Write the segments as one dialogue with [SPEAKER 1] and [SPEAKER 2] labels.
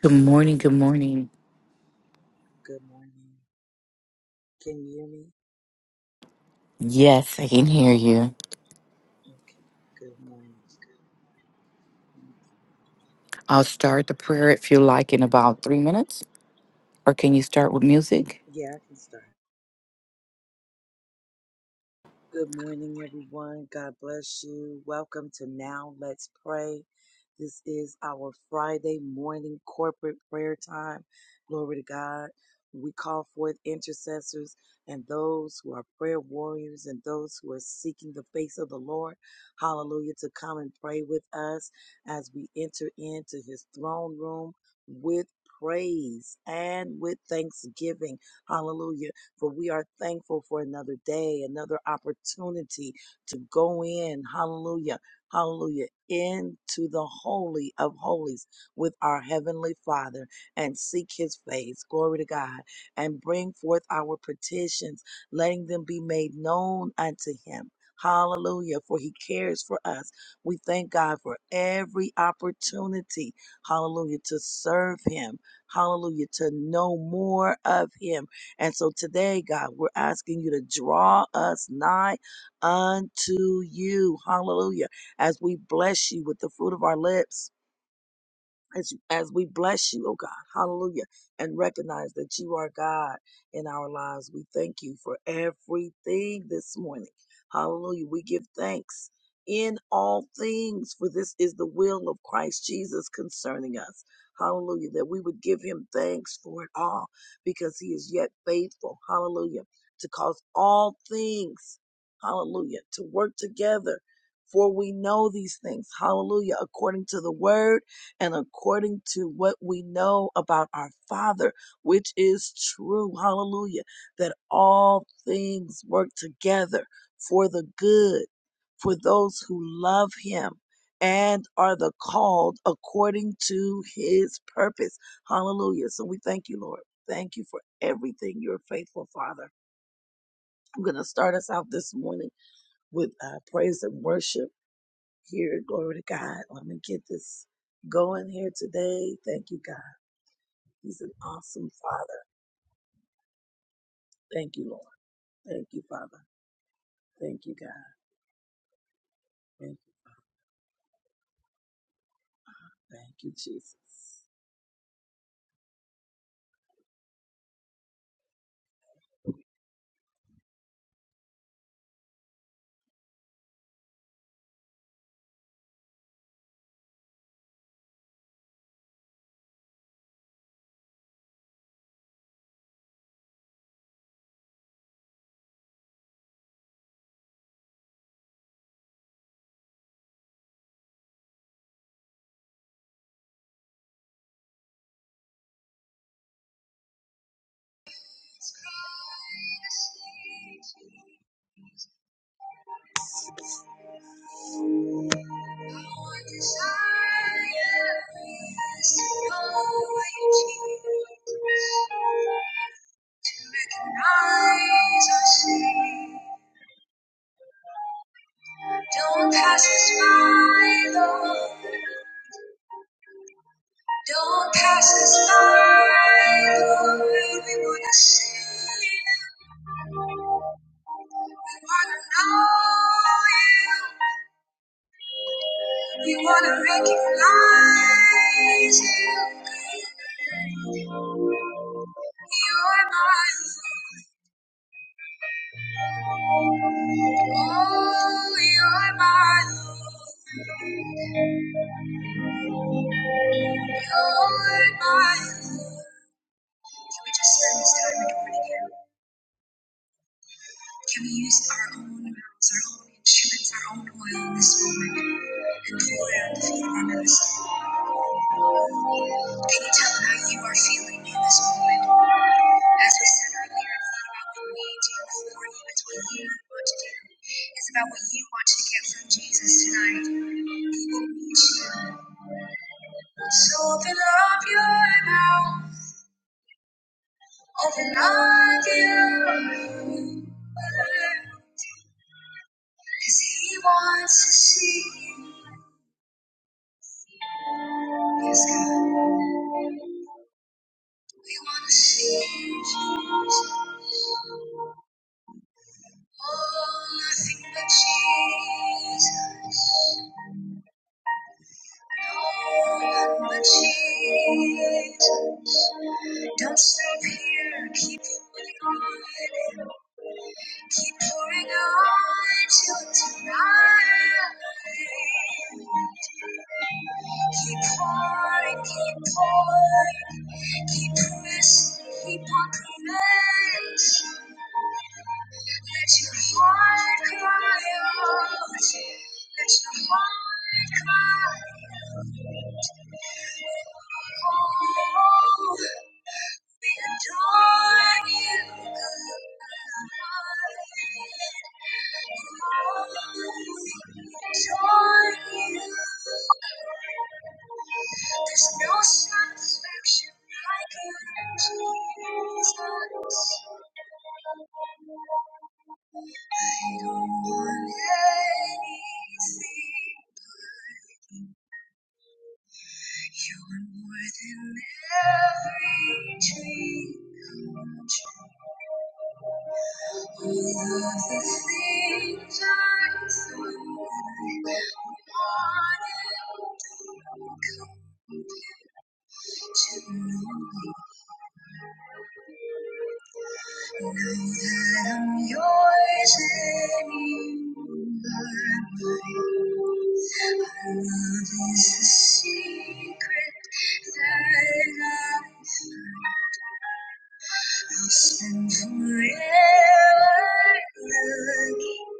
[SPEAKER 1] Good morning. Good morning.
[SPEAKER 2] Good morning. Can you hear me?
[SPEAKER 1] Yes, I can hear you.
[SPEAKER 2] Okay. Good morning.
[SPEAKER 1] I'll start the prayer if you like in about three minutes, or can you start with music?
[SPEAKER 2] Yeah, I can start. Good morning, everyone. God bless you. Welcome to Now Let's Pray. This is our Friday morning corporate prayer time. Glory to God. We call forth intercessors and those who are prayer warriors and those who are seeking the face of the Lord. Hallelujah. To come and pray with us as we enter into his throne room with praise and with thanksgiving. Hallelujah for we are thankful for another day, another opportunity to go in, hallelujah, hallelujah, into the holy of holies with our heavenly Father and seek his face, glory to God, and bring forth our petitions, letting them be made known unto him. Hallelujah, for he cares for us. We thank God for every opportunity, hallelujah, to serve him, hallelujah, to know more of him and so today, God, we're asking you to draw us nigh unto you. Hallelujah. As we bless you with the fruit of our lips as, as we bless you, oh God, hallelujah, and recognize that you are God in our lives. We thank you for everything this morning. Hallelujah. We give thanks in all things, for this is the will of Christ Jesus concerning us. Hallelujah. That we would give him thanks for it all because he is yet faithful. Hallelujah. To cause all things, hallelujah, to work together. For we know these things. Hallelujah. According to the word and according to what we know about our Father, which is true, hallelujah, that all things work together for the good, for those who love Him and are the called according to His purpose, hallelujah. So we thank you, Lord. Thank you for everything, your faithful Father. I'm going to start us out this morning with uh, praise and worship here. Glory to God. Let me get this going here today. Thank you, God. He's an awesome Father. Thank you, Lord. Thank you, Father. Thank you, God. Thank you. Thank you, Jesus. Don't pass us by, Lord. Don't pass us by, Lord. We wanna see you. We wanna know you. We wanna recognize you. You're my Lord. Oh, you're my Lord. You're my Lord. Can we just spend this time adoring you? Can we use our own mouths, our own instruments, our own oil in this moment and pour it at the feet of our master? Can you tell how you are feeling in this moment? As we said earlier, it's not about what we do for you, it's what you want to do. It's about what you want to get from Jesus tonight. He needs you. So open up your mouth of an ideal world. 'Cause he wants to see you. Yes, God, we want to see you, Jesus. Oh, nothing but Jesus. Jesus, don't stop here. Keep pouring on. Keep pouring on till tonight. Keep pouring, keep pouring, keep pouring. Keep pressing, keep on pressing. Let your heart cry out. Let your heart cry out. Oh, there's no satisfaction like a Jesus. I don't want anything. but you. You are more than every dream come true. All of the things I thought I wanted to come to know you. Now that I'm yours and you are mine, our love is a secret that I I'll spend forever looking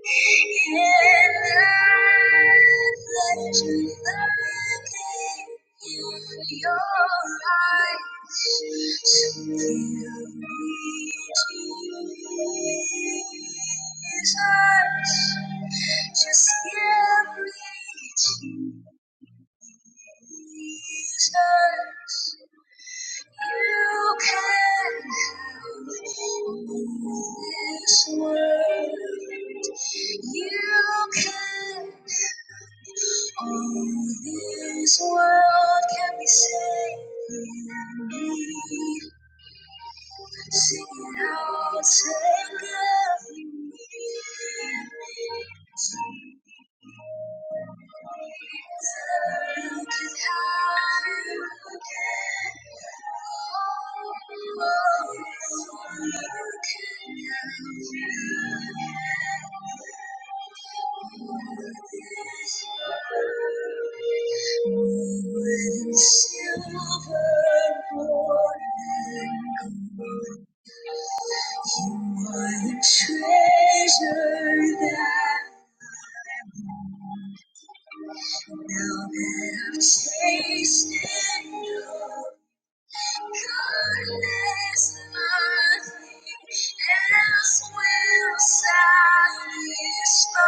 [SPEAKER 2] in the legend in your eyes. Something of me, Jesus. Just give me Jesus. You can have this world. You can. All this world can be saved in me. Sing it out, take every need. Treasure that now that I've tasted you. Goodness, nothing else will satisfy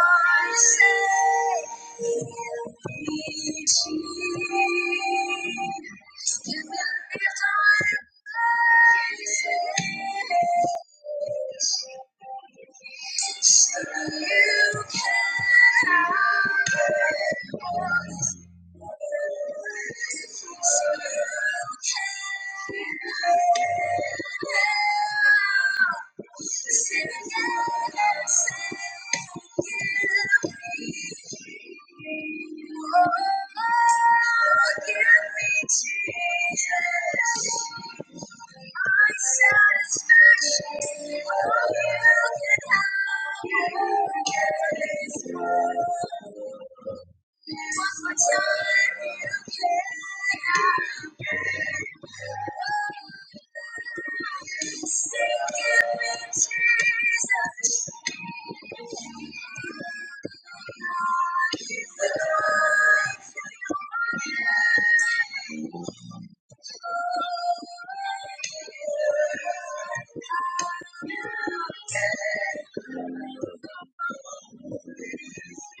[SPEAKER 2] Say, heal me. Jesus. You will lift our praises. So you can have all this. Satisfaction. Thank you. Thank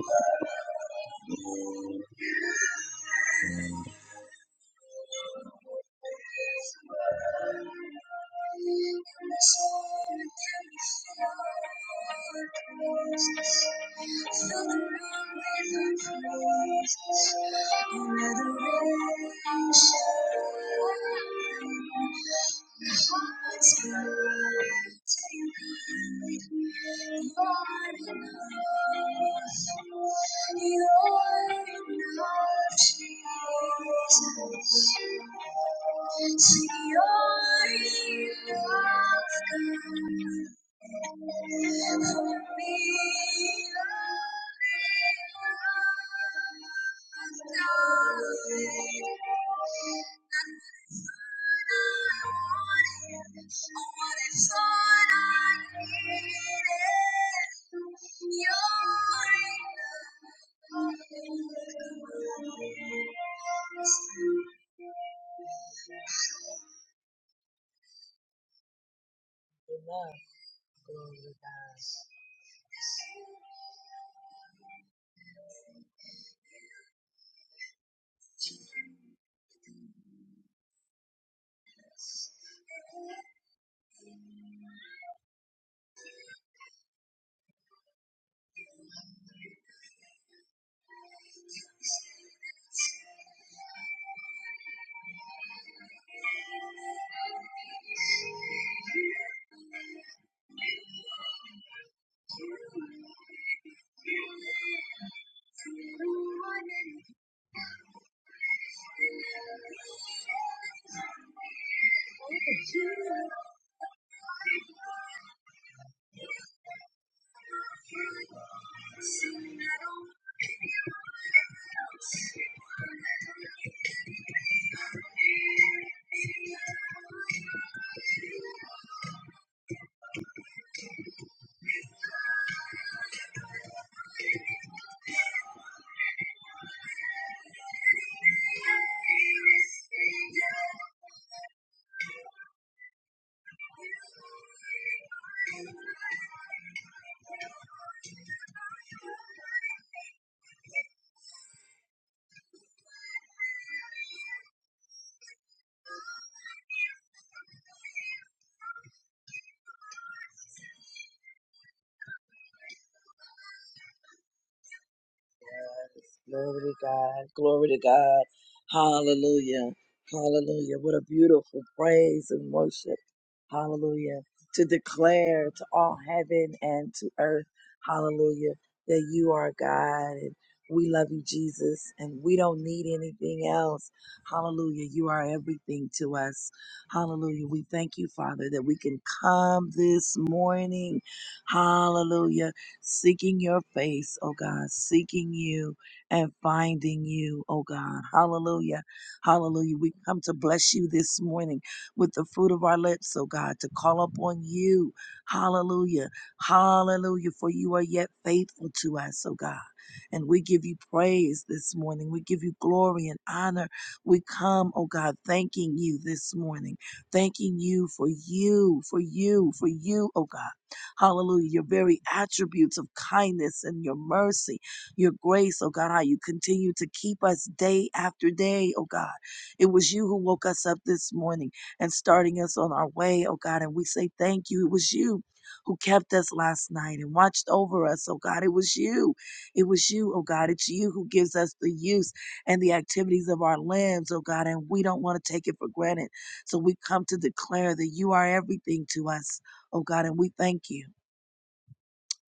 [SPEAKER 2] you. You, are enough. Jesus. Amen. Glory to God. Thank You are my everything. Thank you. Yes. Glory to God. Glory to God. Hallelujah. Hallelujah. What a beautiful praise and worship. Hallelujah. To declare to all heaven and to earth, hallelujah, that you are God and we love you, Jesus, and we don't need anything else. Hallelujah. You are everything to us. Hallelujah. We thank you, Father, that we can come this morning. Hallelujah seeking your face, oh God, seeking you and finding you, oh God. Hallelujah. Hallelujah. We come to bless you this morning with the fruit of our lips, oh God, to call upon you. Hallelujah. Hallelujah. For you are yet faithful to us, oh God. And we give you praise this morning. We give you glory and honor. We come, oh God, thanking you this morning, thanking you for you, for you, for you, oh God. Hallelujah. Your very attributes of kindness and your mercy, your grace, oh God, how you continue to keep us day after day, oh God. It was you who woke us up this morning and starting us on our way, oh God. And we say thank you. It was you who kept us last night and watched over us, oh God. It was you. It was you, oh God. It's you who gives us the use and the activities of our limbs, oh God. And we don't want to take it for granted. So we come to declare that you are everything to us, oh God. And we thank you.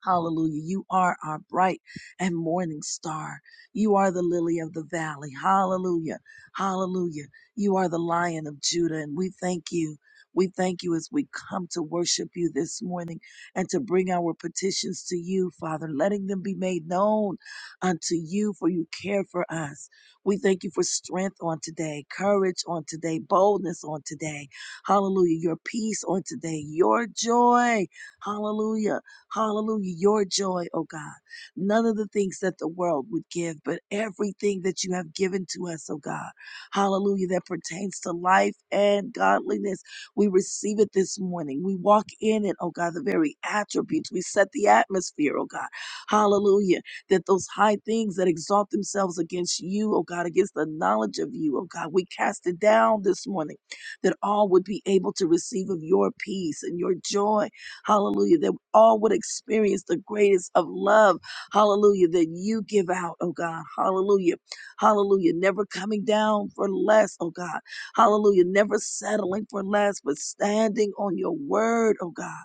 [SPEAKER 2] Hallelujah. You are our bright and morning star. You are the lily of the valley. Hallelujah. Hallelujah. You are the lion of Judah, and we thank you. We thank you as we come to worship you this morning and to bring our petitions to you, Father, letting them be made known unto you, for you care for us. We thank you for strength on today, courage on today, boldness on today. Hallelujah. Your peace on today, your joy. Hallelujah Hallelujah. Your joy, oh God. None of the things that the world would give, but everything that you have given to us, oh God. Hallelujah. That pertains to life and godliness. We receive it this morning. We walk in it, oh God, the very attributes. We set the atmosphere, oh God. Hallelujah. That those high things that exalt themselves against you, oh God, against the knowledge of you, oh God, we cast it down this morning that all would be able to receive of your peace and your joy Hallelujah. That all would experience the greatest of love. Hallelujah. That you give out, oh God. Hallelujah. Hallelujah. Never coming down for less, oh God. Hallelujah. Never settling for less, but standing on your word, oh God.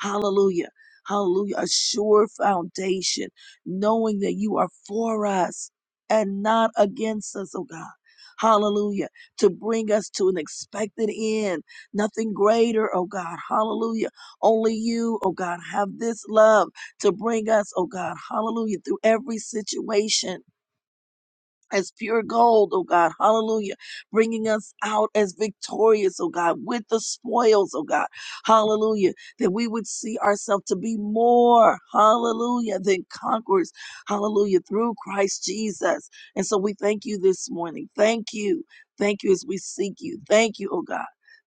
[SPEAKER 2] Hallelujah. Hallelujah. A sure foundation, knowing that you are for us and not against us, oh God. Hallelujah. To bring us to an expected end, nothing greater, oh God. Hallelujah only you, oh God, have this love to bring us, oh God, hallelujah, through every situation. As pure gold, oh God, hallelujah, bringing us out as victorious, oh God, with the spoils, oh God, hallelujah, that we would see ourselves to be more, hallelujah, than conquerors, hallelujah, through Christ Jesus. And so we thank you this morning. Thank you. Thank you as we seek you. Thank you, oh God.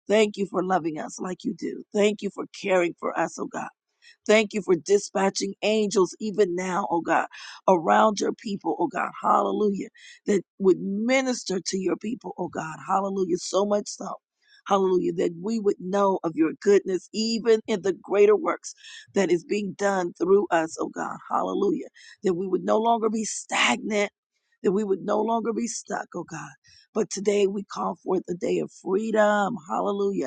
[SPEAKER 2] Thank you for loving us like you do. Thank you for caring for us, oh God. Thank you for dispatching angels even now, oh God, around your people, oh God. Hallelujah. That would minister to your people, oh God. Hallelujah. So much so. Hallelujah. That we would know of your goodness, even in the greater works that is being done through us, oh God. Hallelujah. That we would no longer be stagnant, that we would no longer be stuck, oh God. But today we call forth a day of freedom. Hallelujah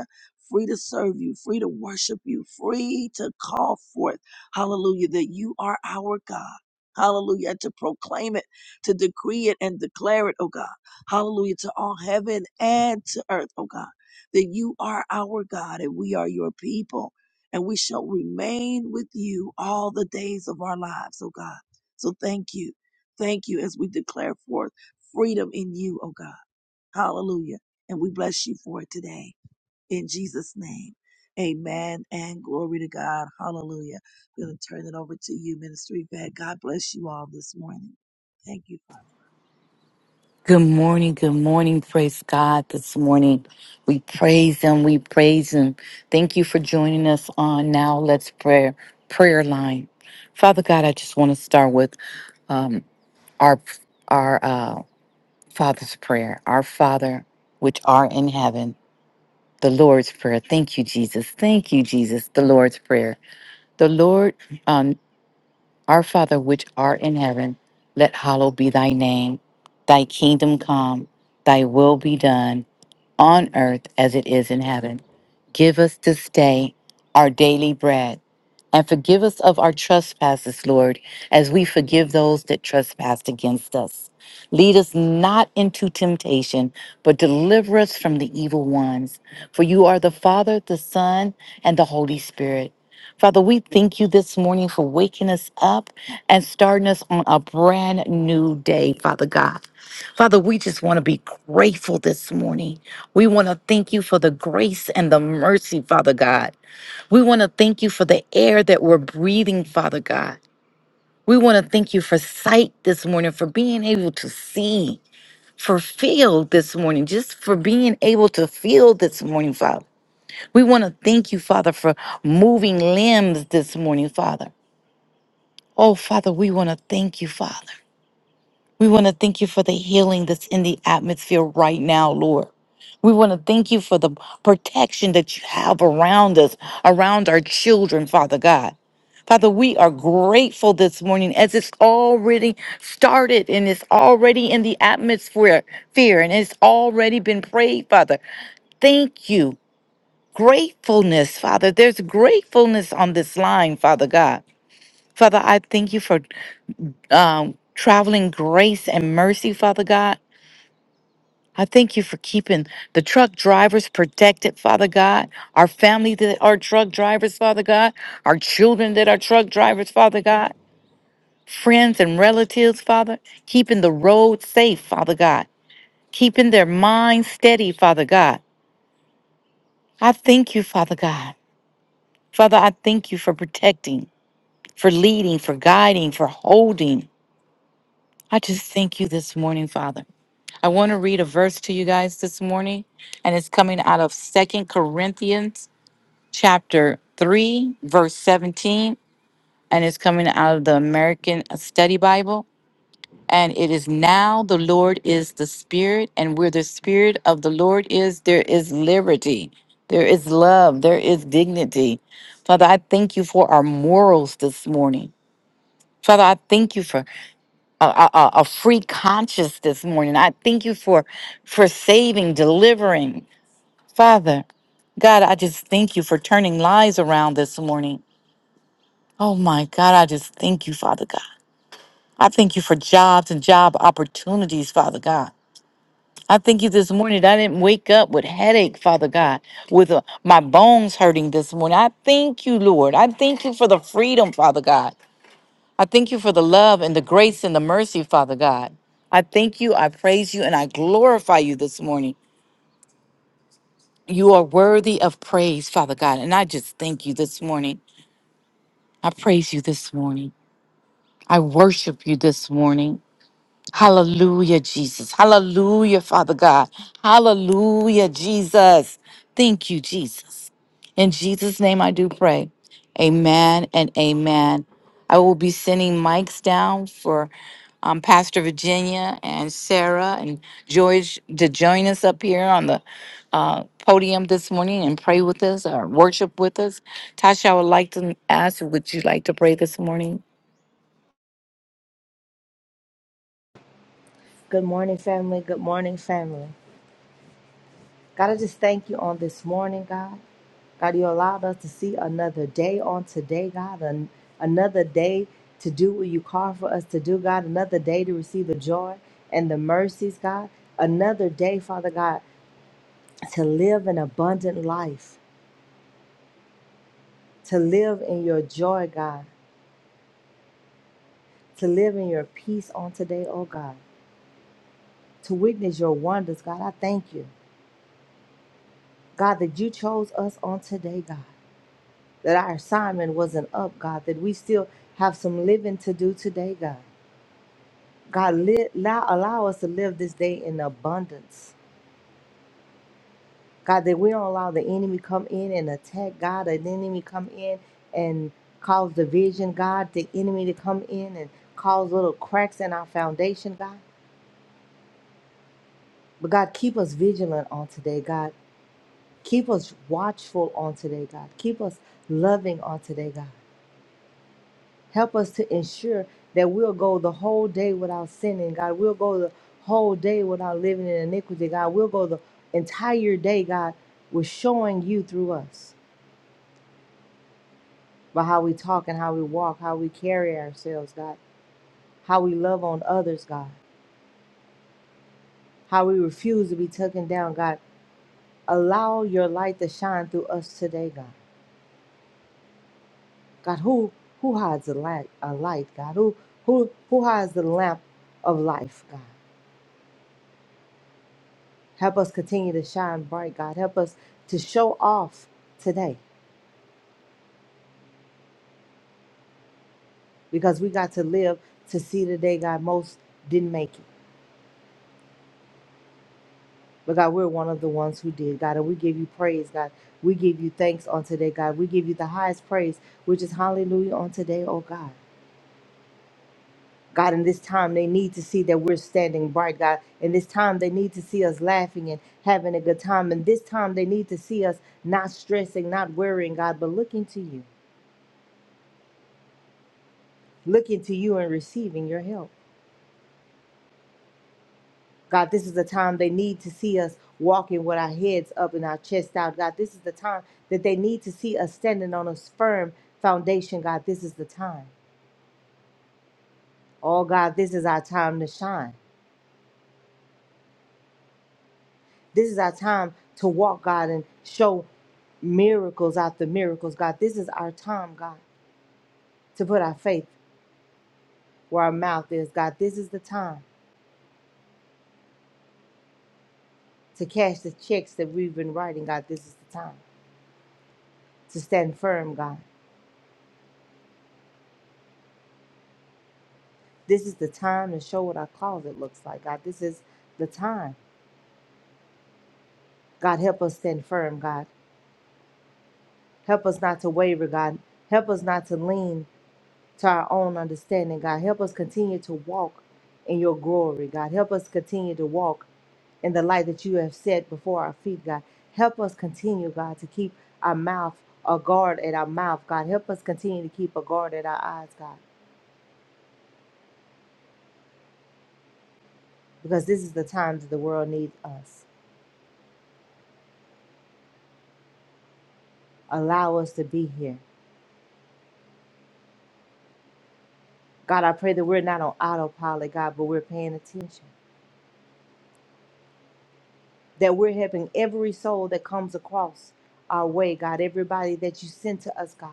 [SPEAKER 2] free to serve you, free to worship you, free to call forth, hallelujah, that you are our God. Hallelujah. And to proclaim it, to decree it and declare it, oh God. Hallelujah. To all heaven and to earth, oh God. That you are our God and we are your people. And we shall remain with you all the days of our lives, oh God. So thank you. Thank you as we declare forth freedom in you, oh God. Hallelujah. And we bless you for it today in Jesus' name. Amen and glory to God. Hallelujah. I'm going to turn it over to you, Ministry Vet. God bless you all this morning. Thank you, Father.
[SPEAKER 1] Good morning. Good morning. Praise God this morning. We praise Him. We praise Him. Thank you for joining us on Now Let's Prayer prayer line. Father God, I just want to start with um, our our uh, Father's prayer. Our Father, which are in heaven, the Lord's prayer. Thank you, Jesus. Thank you, Jesus. The Lord's prayer. The Lord, um, our Father, which art in heaven, let hallowed be thy name. Thy kingdom come, thy will be done on earth as it is in heaven. Give us this day our daily bread and forgive us of our trespasses, Lord, as we forgive those that trespass against us. Lead us not into temptation, but deliver us from the evil ones. For you are the Father, the Son, and the Holy Spirit. Father, we thank you this morning for waking us up and starting us on a brand new day, Father God. Father, we just want to be grateful this morning. We want to thank you for the grace and the mercy, Father God. We want to thank you for the air that we're breathing, Father God. We want to thank you for sight this morning, for being able to see, for feel this morning, just for being able to feel this morning, Father. We want to thank you, Father, for moving limbs this morning, Father. Oh, Father, we want to thank you, Father. We want to thank you for the healing that's in the atmosphere right now, Lord. We want to thank you for the protection that you have around us, around our children, Father God. Father, we are grateful this morning as it's already started and it's already in the atmosphere, fear, and it's already been prayed, Father. Thank you. Gratefulness, Father. There's gratefulness on this line, Father God. Father, I thank you for um, traveling grace and mercy, Father God. I thank you for keeping the truck drivers protected, Father God, our family that are truck drivers, Father God, our children that are truck drivers, Father God, friends and relatives, Father, keeping the road safe, Father God, keeping their minds steady, Father God. I thank you, Father God. Father, I thank you for protecting, for leading, for guiding, for holding. I just thank you this morning, Father. I want to read a verse to you guys this morning, and it's coming out of Second Corinthians chapter 3, verse 17, and it's coming out of the American Study Bible. And it is now the Lord is the Spirit, and where the Spirit of the Lord is, there is liberty, there is love, there is dignity. Father, I thank you for our morals this morning. Father, I thank you for a, a, a a free conscience this morning. I thank you for for saving, delivering. Father, God, I just thank you for turning lives around this morning. Oh my God, I just thank you, Father God. I thank you for jobs and job opportunities, Father God. I thank you this morning that I didn't wake up with headache, Father God, with uh, my bones hurting this morning. I thank you, Lord. I thank you for the freedom, Father God. I thank you for the love and the grace and the mercy, Father God. I thank you, I praise you, and I glorify you this morning. You are worthy of praise, Father God, and I just thank you this morning. I praise you this morning. I worship you this morning. Hallelujah, Jesus. Hallelujah, Father God. Hallelujah, Jesus. Thank you, Jesus. In Jesus' name I do pray. Amen and amen. I will be sending mics down for um, Pastor Virginia and Sarah and George to join us up here on the uh, podium this morning and pray with us or worship with us. Tasha, I would like to ask, would you like to pray this morning?
[SPEAKER 3] Good morning, family. Good morning, family. God, I just thank you on this morning, God. God, you allowed us to see another day on today, God, an- another day to do what you call for us to do, God, another day to receive the joy and the mercies, God, another day, Father God, to live an abundant life, to live in your joy, God, to live in your peace on today, oh God, to witness your wonders, God. I thank you, God, that you chose us on today, God. that our assignment wasn't up, God, that we still have some living to do today, God. God, li- allow, allow us to live this day in abundance. God, that we don't allow the enemy come in and attack, God, or the enemy come in and cause division, God, the enemy to come in and cause little cracks in our foundation, God. But God, keep us vigilant on today, God. Keep us watchful on today, God. Keep us loving on today, God. Help us to ensure that we'll go the whole day without sinning, God. We'll go the whole day without living in iniquity, God. We'll go the entire day, God, with showing you through us by how we talk and how we walk, how we carry ourselves, God, how we love on others, God, how we refuse to be taken down, God. Allow your light to shine through us today, God. God, who who hides a light, a light, God? Who who who hides the lamp of life, God? Help us continue to shine bright, God. Help us to show off today because we got to live to see the day, God. Most didn't make it. But God, we're one of the ones who did, God. And we give you praise, God. We give you thanks on today, God. We give you the highest praise, which is hallelujah on today, oh God. God, in this time, they need to see that we're standing bright, God. In this time, they need to see us laughing and having a good time. In this time, they need to see us not stressing, not worrying, God, but looking to you, looking to you and receiving your help. God, this is the time they need to see us walking with our heads up and our chest out. God, this is the time that they need to see us standing on a firm foundation. God, this is the time. Oh, God, this is our time to shine. This is our time to walk, God, and show miracles after miracles. God, this is our time, God, to put our faith where our mouth is. God, this is the time to cash the checks that we've been writing. God, this is the time to stand firm, God. This is the time to show what our closet looks like, God. This is the time. God, help us stand firm, God. Help us not to waver, God. Help us not to lean to our own understanding, God. Help us continue to walk in your glory, God. Help us continue to walk in the light that you have set before our feet, God. Help us continue, God, to keep our mouth, a guard at our mouth, God. Help us continue to keep a guard at our eyes, God, because this is the time that the world needs us. Allow us to be here. God, I pray that we're not on autopilot, God, but we're paying attention. That we're helping every soul that comes across our way, God, everybody that you send to us, God.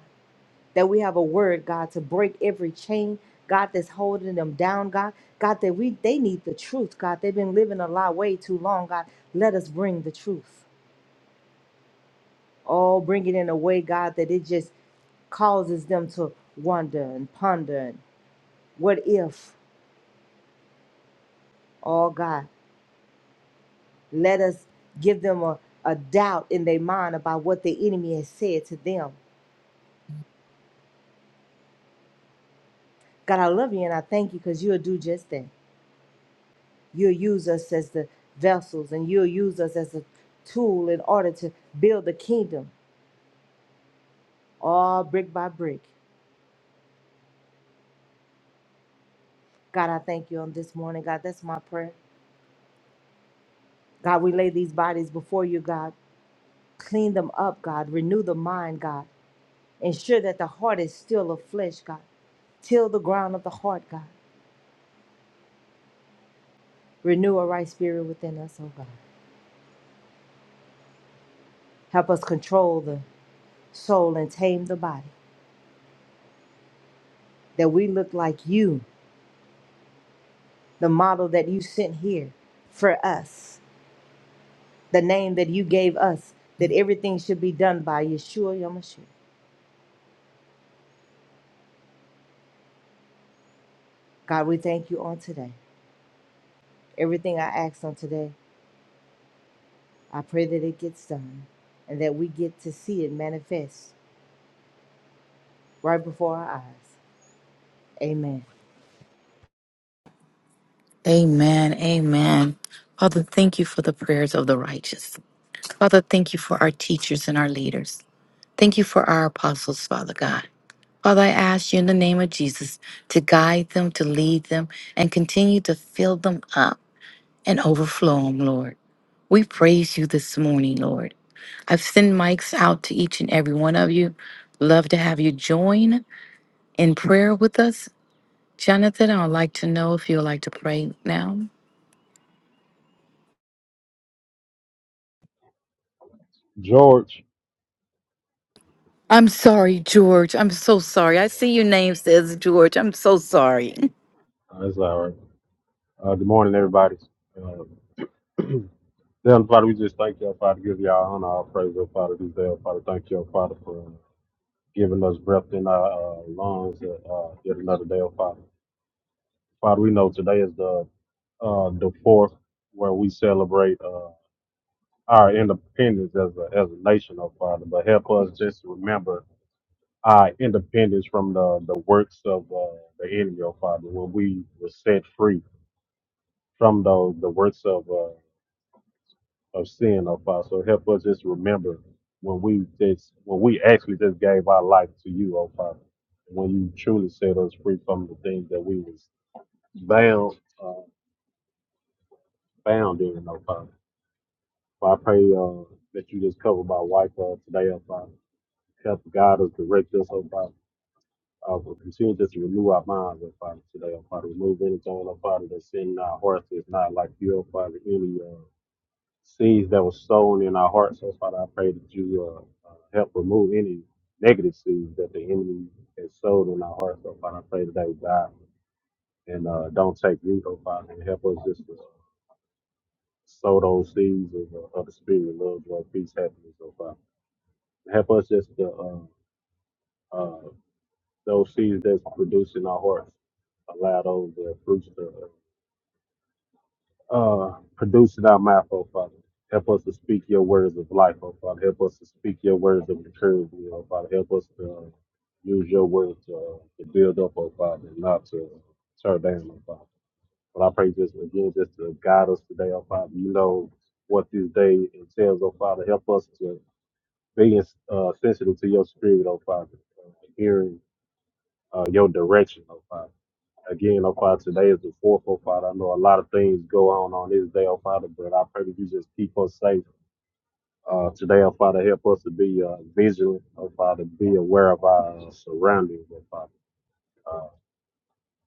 [SPEAKER 3] That we have a word, God, to break every chain, God, that's holding them down, God. God, that we they need the truth, God. They've been living a lie way too long, God. Let us bring the truth. Oh, bring it in a way, God, that it just causes them to wonder and ponder and what if, oh God. Let us give them a, a doubt in their mind about what the enemy has said to them. God, I love you and I thank you because you'll do just that. You'll use us as the vessels and you'll use us as a tool in order to build the kingdom, all brick by brick. God, I thank you on this morning. God, that's my prayer. God, we lay these bodies before you, God. Clean them up, God. Renew the mind, God. Ensure that the heart is still of flesh, God. Till the ground of the heart, God. Renew a right spirit within us, oh God. Help us control the soul and tame the body, that we look like you, the model that you sent here for us, the name that you gave us, that everything should be done by Yeshua Yamashiach. God, we thank you on today. Everything I asked on today, I pray that it gets done and that we get to see it manifest right before our eyes. Amen.
[SPEAKER 1] Amen. Amen. Father, thank you for the prayers of the righteous. Father, thank you for our teachers and our leaders. Thank you for our apostles, Father God. Father, I ask you in the name of Jesus to guide them, to lead them, and continue to fill them up and overflow them, Lord. We praise you this morning, Lord. I've sent mics out to each and every one of you. Love to have you join in prayer with us. Jonathan, I would like to know if you would like to pray now.
[SPEAKER 4] George.
[SPEAKER 1] I'm sorry, George. I'm so sorry. I see your name says George. I'm so sorry.
[SPEAKER 4] Uh, that's all right. Uh, good morning, everybody. Uh, Heavenly Father, we just thank you, Father, give you all honor, all praise, oh Father, this day, oh Father. Thank you, oh Father, for giving us breath in our uh, lungs uh, uh, yet another day, oh Father. Father, we know today is the uh, the fourth where we celebrate uh, our independence as a, as a nation, oh Father. But help us just to remember our independence from the, the works of uh, the enemy, oh Father, when we were set free from the, the works of uh, of sin, oh Father. So help us just remember when we just when we actually just gave our life to you, oh Father. When you truly set us free from the things that we was bound uh, bound in, oh Father. So I pray uh, that you just cover my wife uh, today, oh Father. Help guide us, direct us, oh Father. Uh, we'll continue just to renew our minds, oh Father, today, oh Father. Remove anything, oh Father, that's in our hearts that's not like you, oh Father, any uh, seeds that was sown in our hearts. So Father, I pray that you uh, uh, help remove any negative seeds that the enemy has sown in our hearts. So Father, I pray that they would die and uh, don't take root, oh Father, and help us just to sow those seeds of, the- of the spirit, love, joy, peace, happiness, oh Father. Help us just to, uh, uh, those seeds that's produced in our hearts, allow those uh, fruits to Uh, produce it out mouth, oh Father. Help us to speak your words of life, oh Father. Help us to speak your words of encouragement, oh Father. Help us to uh, use your words to, uh, to build up, oh Father, and not to tear down, oh Father. But I pray just again, just to guide us today, oh Father. You know what this day entails, oh Father. Help us to be uh, sensitive to your spirit, oh Father, uh, hearing uh, your direction, oh Father. Again, oh Father, today is the fourth, oh Father. I know a lot of things go on on this day, oh Father, but I pray that you just keep us safe. Uh, today, oh Father, help us to be uh, vigilant, oh Father, be aware of our uh, surroundings, oh Father, uh,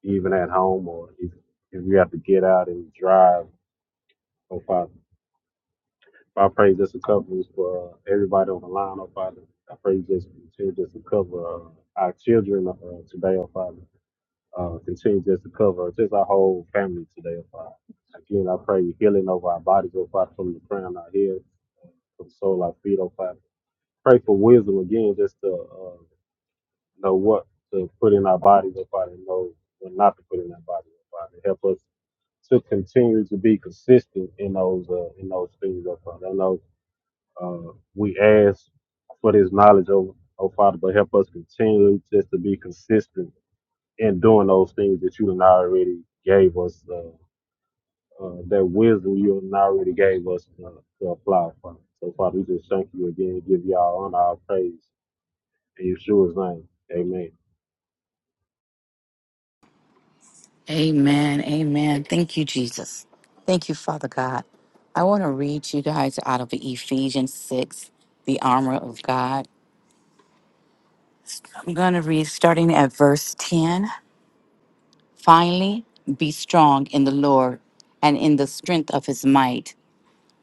[SPEAKER 4] even at home or if, if we have to get out and drive, oh Father. I pray just a cover for uh, everybody on the line, oh Father. I pray just just to cover uh, our children uh, today, oh Father. uh, continue just to cover just our whole family today, oh Father. Again, I pray healing over our bodies, oh Father, from the crown our head, from the soul our feet, oh Father. Pray for wisdom again, just to uh, know what to put in our bodies, oh Father, and know what not to put in our bodies, oh Father. Help us to continue to be consistent in those uh, in those things, oh Father. I know uh, we ask for this knowledge, oh, oh Father, but help us continue just to be consistent and doing those things that you done already gave us, uh, uh, that wisdom you done already gave us uh, to apply from. So, Father, we just thank you again, give you all honor, our praise, in Yeshua's name. Amen.
[SPEAKER 1] Amen. Amen. Thank you, Jesus. Thank you, Father God. I want to read you guys out of Ephesians 6, the armor of God. I'm going to read starting at verse 10. Finally, be strong in the Lord and in the strength of his might.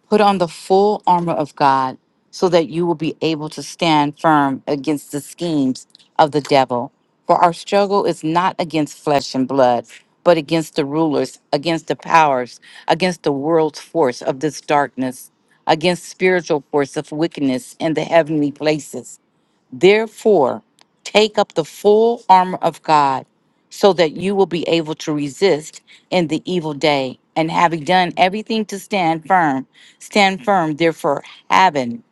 [SPEAKER 1] Put on the full armor of God so that you will be able to stand firm against the schemes of the devil. For our struggle is not against flesh and blood, but against the rulers, against the powers, against the world's force of this darkness, against spiritual force of wickedness in the heavenly places. Therefore, take up the full armor of God so that you will be able to resist in the evil day. And having done everything to stand firm, stand firm. Therefore, having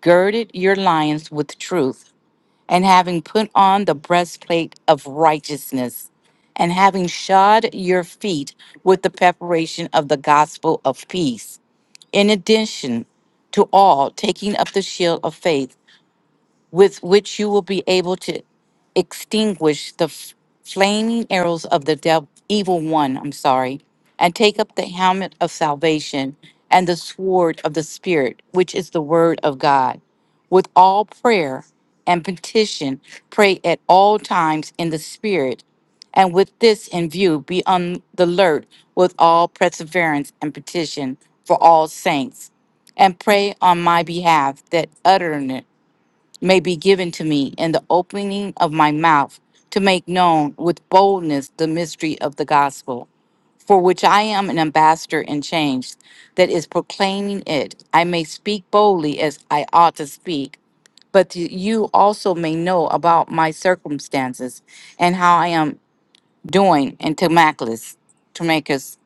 [SPEAKER 1] girded your loins with truth, and having put on the breastplate of righteousness, and having shod your feet with the preparation of the gospel of peace. In addition, to all, taking up the shield of faith with which you will be able to extinguish the f- flaming arrows of the devil, evil one, I'm sorry, and take up the helmet of salvation and the sword of the Spirit, which is the word of God. With all prayer and petition, pray at all times in the Spirit. And with this in view, be on the alert with all perseverance and petition for all saints. And pray on my behalf that may be given to me, and the opening of my mouth to make known with boldness the mystery of the gospel, for which I am an ambassador in chains, that is proclaiming it. I may speak boldly as I ought to speak, but that you also may know about my circumstances and how I am doing in Timacus, Timacus,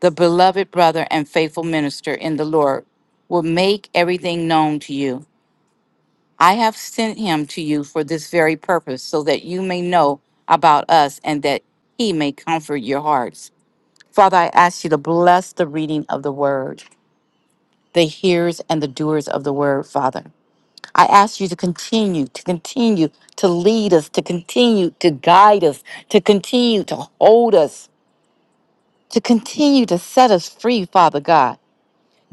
[SPEAKER 1] the beloved brother and faithful minister in the Lord, will make everything known to you. I have sent him to you for this very purpose, so that you may know about us and that he may comfort your hearts. Father, I ask you to bless the reading of the word, the hearers and the doers of the word, Father. I ask you to continue, to continue to lead us, to continue to guide us, to continue to hold us, to continue to set us free, Father God.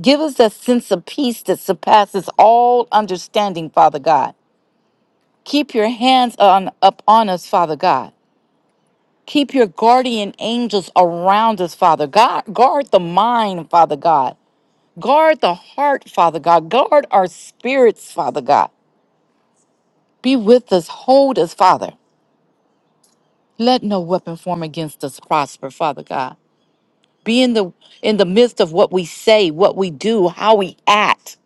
[SPEAKER 1] Give us that sense of peace that surpasses all understanding, Father God. Keep your hands on up on us, Father God. Keep your guardian angels around us, Father God. Guard the mind, Father God. Guard the heart, Father God. Guard our spirits, Father God. Be with us. Hold us, Father. Let no weapon form against us prosper, Father God. Be in the in the midst of what we say, what we do, how we act,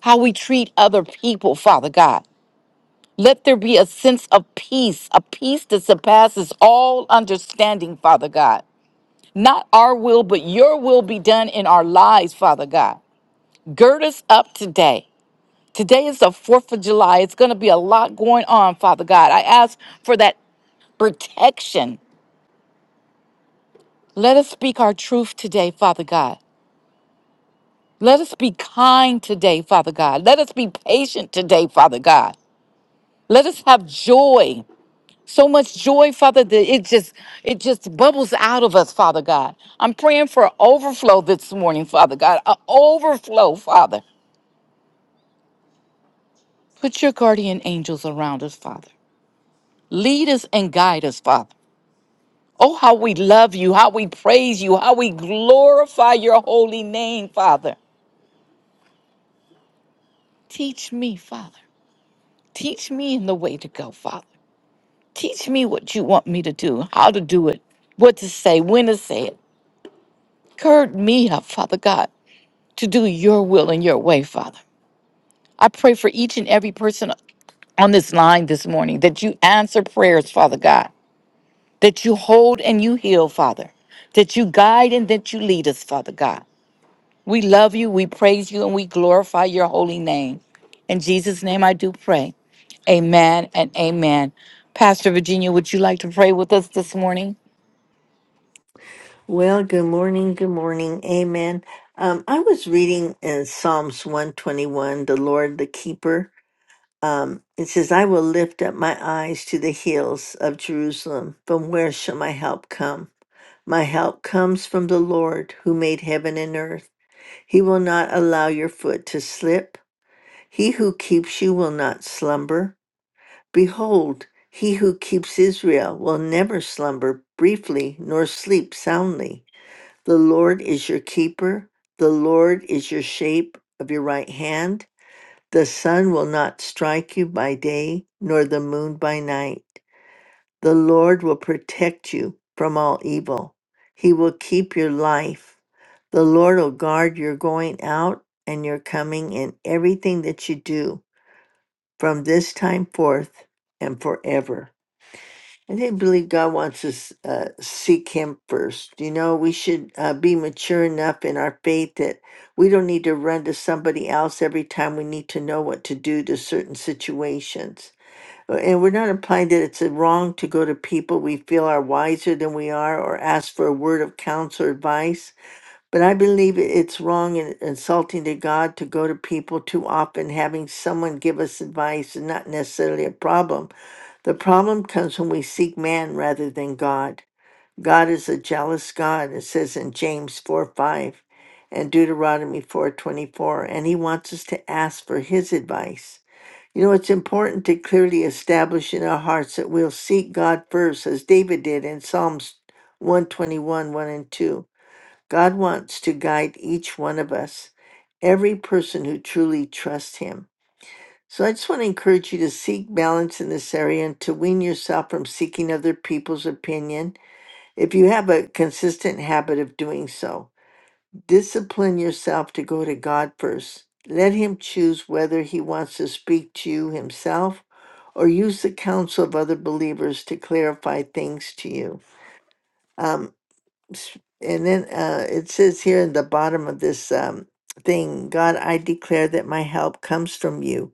[SPEAKER 1] how we treat other people, Father God. Let there be a sense of peace, a peace that surpasses all understanding, Father God. Not our will, but your will be done in our lives, Father God. Gird us up today. Today is the 4th of July. It's going to be a lot going on, Father God. I ask for that protection. Let us speak our truth today, Father God. Let us be kind today, Father God. Let us be patient today, Father God. Let us have joy. so much joy, Father, that it just it just bubbles out of us, Father God. I'm praying for overflow this morning, Father God. A overflow, Father. Put your guardian angels around us, Father. Lead us and guide us, Father. Oh, how we love you, how we praise you, how we glorify your holy name, Father. Teach me, Father. Teach me in the way to go, Father. Teach me what you want me to do, how to do it, what to say, when to say it. Gird me up, Father God. to do your will and your way, Father. I pray for each and every person on this line this morning that you answer prayers, Father God, that you hold and you heal, Father, that you guide and that you lead us, Father God. We love you, we praise you, and we glorify your holy name. In Jesus' name I do pray. Amen and amen. Pastor Virginia, would you like to pray with us this morning?
[SPEAKER 5] Well, good morning. Good morning. Amen. Um, I was reading in Psalms 121, the Lord, the keeper. Um, it says, I will lift up my eyes to the hills of Jerusalem. From where shall my help come? My help comes from the Lord who made heaven and earth. He will not allow your foot to slip. He who keeps you will not slumber. Behold, he who keeps Israel will never slumber briefly nor sleep soundly. The Lord is your keeper. The Lord is your shape of your right hand. The sun will not strike you by day, nor the moon by night. The Lord will protect you from all evil. He will keep your life. The Lord will guard your going out and your coming in everything that you do from this time forth and forever. I think believe God wants us uh, seek Him first. You know, we should uh, be mature enough in our faith that we don't need to run to somebody else every time we need to know what to do to certain situations. Uh, And we're not implying that it's uh, wrong to go to people we feel are wiser than we are or ask for a word of counsel or advice. But I believe it- it's wrong and insulting to God to go to people too often, having someone give us advice is not necessarily a problem the problem comes when we seek man rather than God. God is a jealous God, it says in James 4 5 and Deuteronomy four twenty four, and he wants us to ask for his advice. You know, it's important to clearly establish in our hearts that we'll seek God first, as David did in Psalms 121 1 one and 2. God wants to guide each one of us, every person who truly trusts him. So I just want to encourage you to seek balance in this area and to wean yourself from seeking other people's opinion if you have a consistent habit of doing so. Discipline yourself to go to God first. Let Him choose whether He wants to speak to you Himself or use the counsel of other believers to clarify things to you. Um, s- and then uh, it says here in the bottom of this um, thing God, I declare that my help comes from you.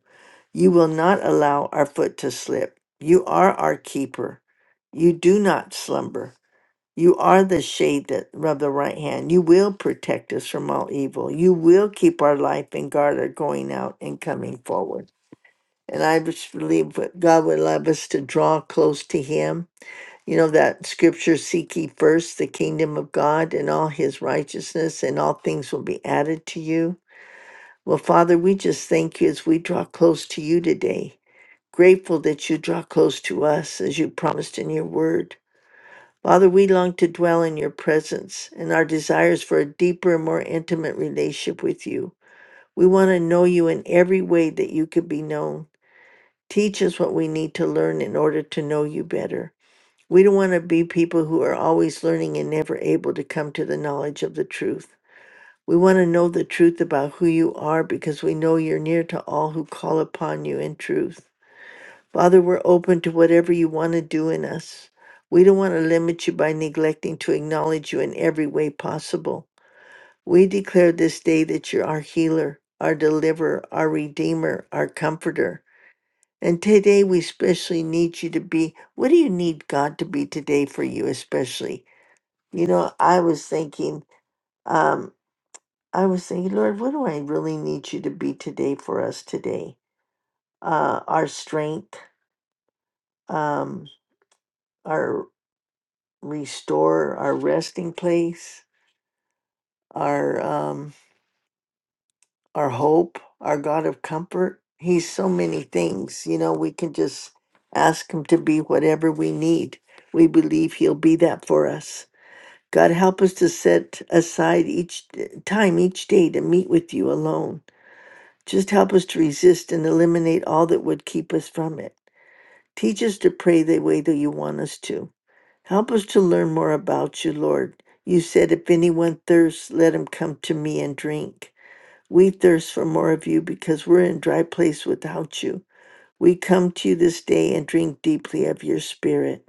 [SPEAKER 5] You will not allow our foot to slip. You are our keeper. You do not slumber. You are the shade that of the right hand. You will protect us from all evil. You will keep our life and guard our going out and coming forward. And I just believe that God would love us to draw close to Him. You know that scripture, seek ye first the kingdom of God and all his righteousness, and all things will be added to you. Well, Father, we just thank you as we draw close to you today grateful that you draw close to us as you promised in your word. Father, we long to dwell in your presence and our desires for a deeper and more intimate relationship with you. We want to know you in every way that you could be known. Teach us what we need to learn in order to know you better. We don't want to be people who are always learning and never able to come to the knowledge of the truth. We want to know the truth about who you are because we know you're near to all who call upon you in truth. Father, we're open to whatever you want to do in us. We don't want to limit you by neglecting to acknowledge you in every way possible. We declare this day that you're our healer, our deliverer, our redeemer, our comforter. And today we especially need you to be. What do you need God to be today for you, especially? You know, I was thinking, um, I was thinking, Lord, what do I really need you to be today for us today? Uh, our strength, um, restore our resting place, our um, our hope, our God of comfort. He's so many things. You know, we can just ask Him to be whatever we need. We believe He'll be that for us. God, help us to set aside each d- time, each day to meet with you alone. Just help us to resist and eliminate all that would keep us from it. Teach us to pray the way that you want us to. Help us to learn more about you, Lord. You said, If anyone thirsts, let him come to me and drink. We thirst for more of you because we're in a dry place without you. We come to you this day and drink deeply of your spirit.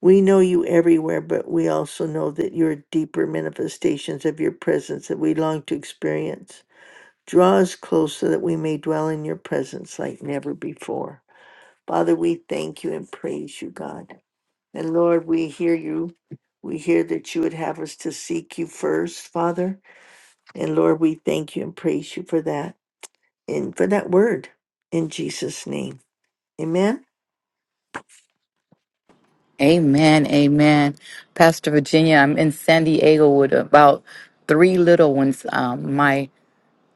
[SPEAKER 5] We know you everywhere, but we also know that you are deeper manifestations of your presence that we long to experience. Draw us close so that we may dwell in your presence like never before. Father, we thank you and praise you, God. And Lord, we hear you. We hear that you would have us to seek you first, Father. And Lord, we thank you and praise you for that and for that word in Jesus' name. Amen.
[SPEAKER 1] Amen. Amen. Pastor Virginia, I'm in San Diego with about three little ones. Um, my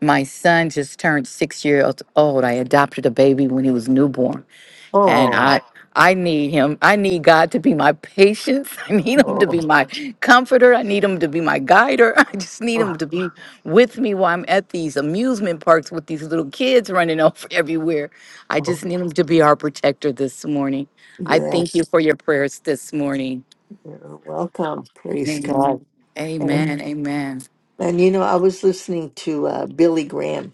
[SPEAKER 1] my son just turned six years old. I adopted a baby when he was newborn, and
[SPEAKER 5] Oh,
[SPEAKER 1] I I need him. I need God to be my patience. I need him to
[SPEAKER 5] oh,
[SPEAKER 1] be my comforter. I need him to be my guider. I just need
[SPEAKER 5] oh,
[SPEAKER 1] him to be with me while I'm at these amusement parks with these little kids running off everywhere. I
[SPEAKER 5] oh.
[SPEAKER 1] just need him to be our protector this morning. I thank
[SPEAKER 5] yes.
[SPEAKER 1] you for your prayers this morning.
[SPEAKER 5] You're welcome. Praise God.
[SPEAKER 1] Amen. Amen.
[SPEAKER 5] And,
[SPEAKER 1] Amen.
[SPEAKER 5] and you know, I was listening to uh, Billy Graham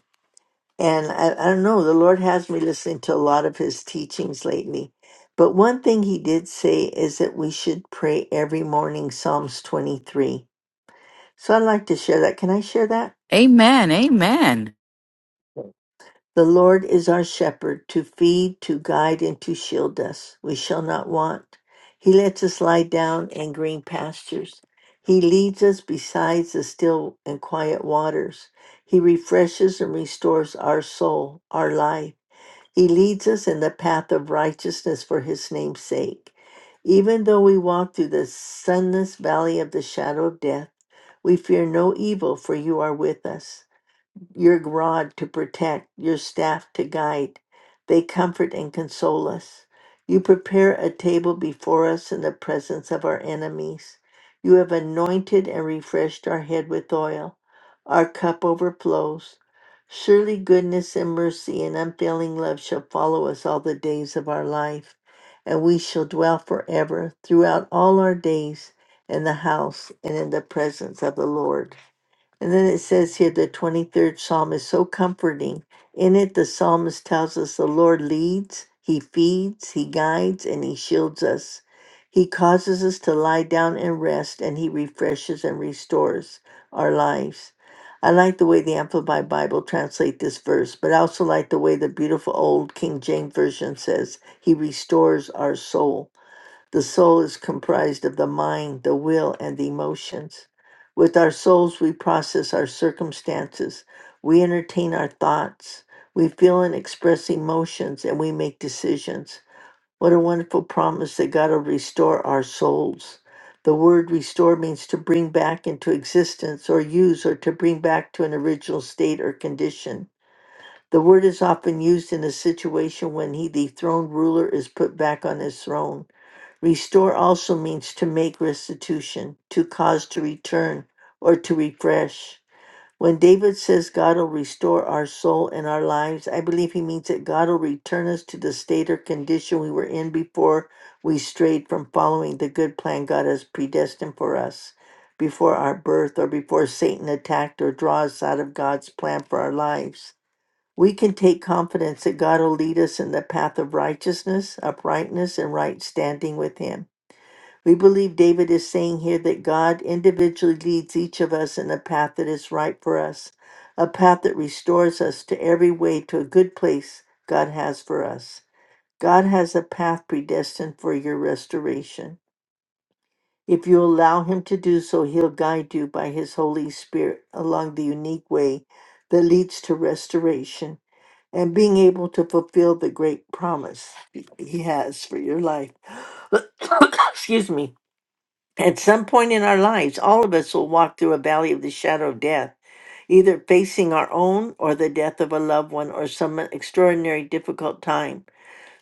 [SPEAKER 5] And I, I don't know, the Lord has me listening to a lot of his teachings lately. But one thing he did say is that we should pray every morning Psalms 23. So I'd like to share that. Can I share that?
[SPEAKER 1] Amen. Amen.
[SPEAKER 5] The Lord is our shepherd to feed, to guide, and to shield us. We shall not want. He lets us lie down in green pastures. He leads us beside the still and quiet waters. He refreshes and restores our soul, our life. He leads us in the path of righteousness for his name's sake. Even though we walk through the sunless valley of the shadow of death, we fear no evil, for you are with us your rod to protect, your staff to guide. They comfort and console us. You prepare a table before us in the presence of our enemies. You have anointed and refreshed our head with oil. Our cup overflows. Surely goodness and mercy and unfailing love shall follow us all the days of our life, and we shall dwell forever throughout all our days in the house and in the presence of the Lord. And then it says here the 23rd Psalm is so comforting. In it, the psalmist tells us the Lord leads, He feeds, He guides, and He shields us. He causes us to lie down and rest, and He refreshes and restores our lives. I like the way the Amplified Bible translate this verse, but I also like the way the beautiful old King James Version says, He restores our soul. The soul is comprised of the mind, the will, and the emotions. With our souls, we process our circumstances, we entertain our thoughts, we feel and express emotions, and we make decisions. What a wonderful promise that God will restore our souls. The word restore means to bring back into existence or use or to bring back to an original state or condition. The word is often used in a situation when he, the throned ruler, is put back on his throne Restore also means to make restitution, to cause to return, or to refresh. When David says God will restore our soul and our lives, I believe he means that God will return us to the state or condition we were in before we strayed from following the good plan God has predestined for us, before our birth or before Satan attacked or draw us out of God's plan for our lives. We can take confidence that God will lead us in the path of righteousness, uprightness, and right standing with Him. We believe David is saying here that God individually leads each of us in a path that is right for us, a path that restores us to every way to a good place God has for us. God has a path predestined for your restoration. If you allow Him to do so, He'll guide you by His Holy Spirit along the unique way that leads to restoration and being able to fulfill the great promise He has for your life. Excuse me. At some point in our lives, all of us will walk through a valley of the shadow of death, either facing our own or the death of a loved one or some extraordinary difficult time.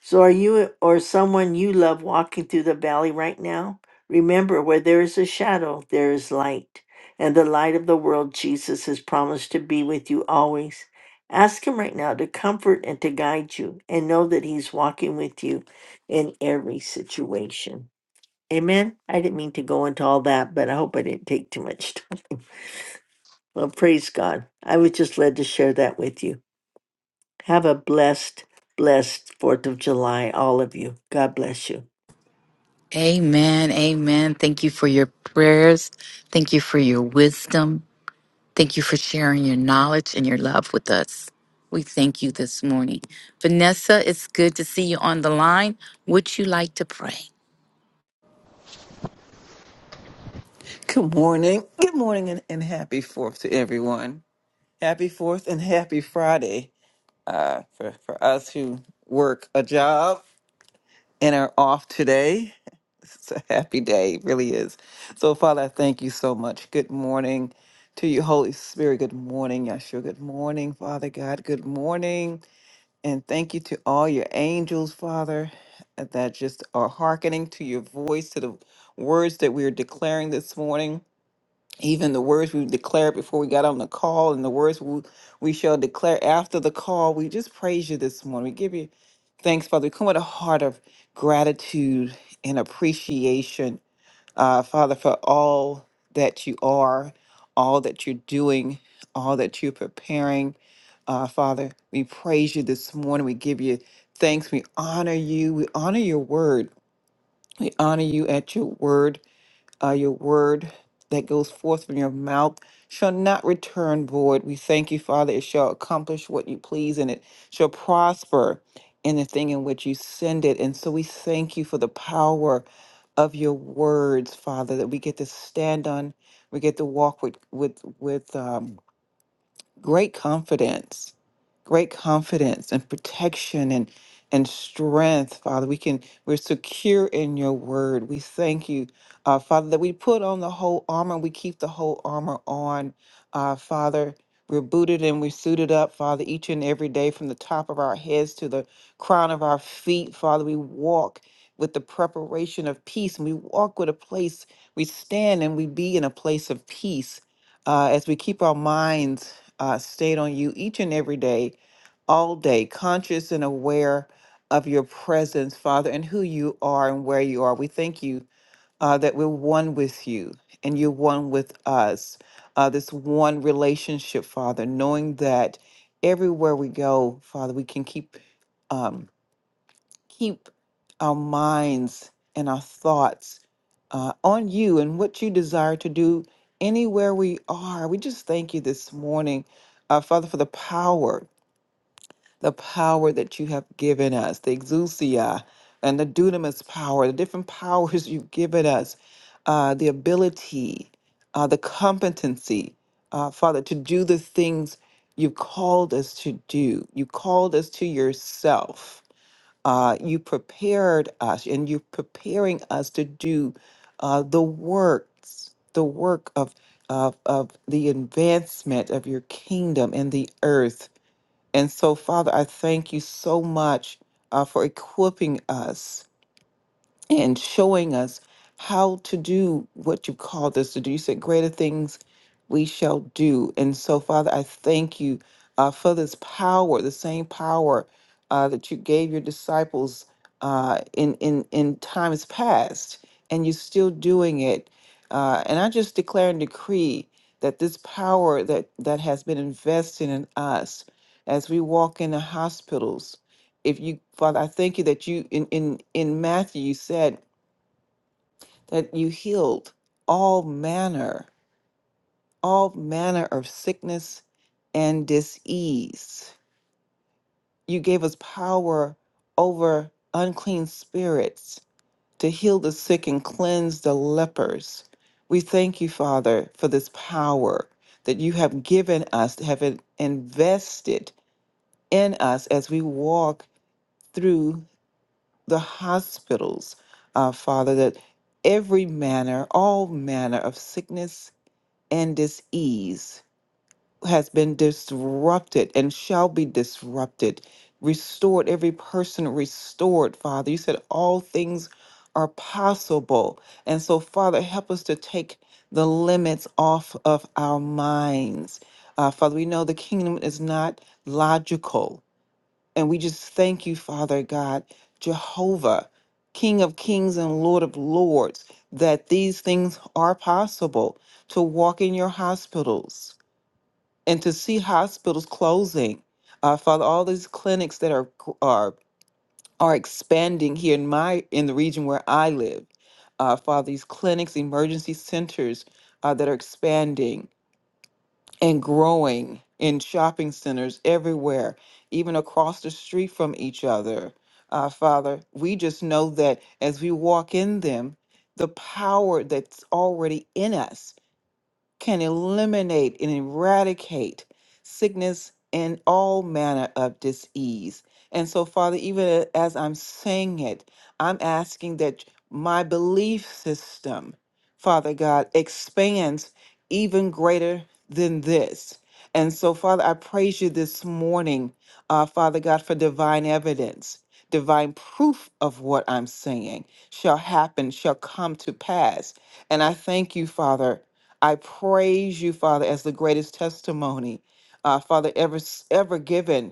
[SPEAKER 5] So, are you or someone you love walking through the valley right now? Remember, where there is a shadow, there is light. And the light of the world, Jesus has promised to be with you always. Ask Him right now to comfort and to guide you, and know that He's walking with you in every situation. Amen. I didn't mean to go into all that, but I hope I didn't take too much time. Well, praise God. I was just led to share that with you. Have a blessed, blessed 4th of July, all of you. God bless you.
[SPEAKER 1] Amen. Amen. Thank you for your prayers. Thank you for your wisdom. Thank you for sharing your knowledge and your love with us. We thank you this morning. Vanessa, it's good to see you on the line. Would you like to pray?
[SPEAKER 6] Good morning. Good morning and, and happy fourth to everyone. Happy fourth and happy Friday uh, for, for us who work a job and are off today. It's a happy day, it really is. So, Father, I thank you so much. Good morning to you, Holy Spirit. Good morning, Yahshua. Good morning, Father God. Good morning. And thank you to all your angels, Father, that just are hearkening to your voice, to the words that we are declaring this morning even the words we declared before we got on the call and the words we, we shall declare after the call. We just praise you this morning. We give you thanks, Father. We come with a heart of gratitude and appreciation, uh, Father, for all that you are, all that you're doing, all that you're preparing. Uh, Father, we praise you this morning. We give you thanks. We honor you. We honor your word. We honor you at your word uh, your word that goes forth from your mouth shall not return void. We thank you, Father. It shall accomplish what you please and it shall prosper in the thing in which you send it. And so we thank you for the power of your words, Father, that we get to stand on. We get to walk with with with um, great confidence great confidence and protection and and strength, Father. We can we're secure in your word. We thank you, uh, Father, that we put on the whole armor. We keep the whole armor on, uh, Father. We're booted and we're suited up, Father, each and every day from the top of our heads to the crown of our feet, Father. We walk with the preparation of peace and we walk with a place, we stand and we be in a place of peace uh, as we keep our minds uh, stayed on you each and every day all day, conscious and aware of your presence, Father, and who you are and where you are. We thank you uh, that we're one with you and you're one with us. Uh, this one relationship, Father, knowing that everywhere we go, Father, we can keep um, keep our minds and our thoughts uh, on you and what you desire to do anywhere we are. We just thank you this morning, uh, Father, for the power the power that you have given us, the exousia and the dunamis power, the different powers you've given us, uh, the ability, uh, the competency, uh, Father, to do the things you called us to do. You called us to yourself. Uh, you prepared us, and you're preparing us to do uh, the works, the work of, of, of the advancement of your kingdom in the earth and so, Father, I thank you so much uh, for equipping us and showing us how to do what you called us to do. You said, Greater things we shall do. And so, Father, I thank you uh, for this power, the same power uh, that you gave your disciples uh, in, in, in times past, and you're still doing it. Uh, and I just declare and decree that this power that, that has been invested in us as we walk into hospitals, if you father i thank you that you in in in matthew you said that you healed all manner all manner of sickness and disease you gave us power over unclean spirits to heal the sick and cleanse the lepers we thank you father for this power that you have given us have in- invested in us as we walk through the hospitals, uh, Father, that every manner, all manner of sickness and disease has been disrupted and shall be disrupted, restored, every person restored, Father. You said all things are possible. And so, Father, help us to take the limits off of our minds. Uh, Father, we know the kingdom is not logical. And we just thank you, Father God, Jehovah, King of kings and Lord of lords, that these things are possible to walk in your hospitals and to see hospitals closing. Uh, Father, all these clinics that are are are expanding here in my in the region where I live. Uh, Father, these clinics, emergency centers uh, that are expanding and growing in shopping centers everywhere, even across the street from each other. Uh, Father, we just know that as we walk in them, the power that's already in us can eliminate and eradicate sickness and all manner of disease. And so, Father, even as I'm saying it, I'm asking that my belief system, Father God, expands even greater than this. And so, Father, I praise you this morning, uh, Father God, for divine evidence. Divine proof of what I'm saying shall happen, shall come to pass. And I thank you, Father, I praise you, Father, as the greatest testimony, uh, Father, ever ever given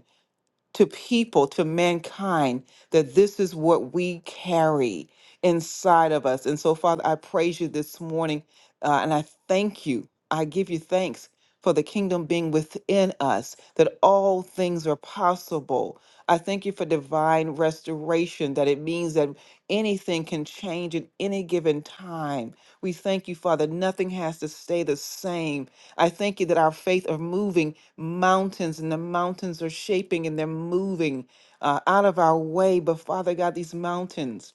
[SPEAKER 6] to people, to mankind, that this is what we carry inside of us. And so, Father, I praise you this morning uh, and I thank you. I give you thanks for the kingdom being within us, that all things are possible. I thank you for divine restoration, that it means that anything can change at any given time. We thank you, Father, nothing has to stay the same. I thank you that our faith are moving mountains and the mountains are shaping and they're moving uh, out of our way. But Father God, these mountains,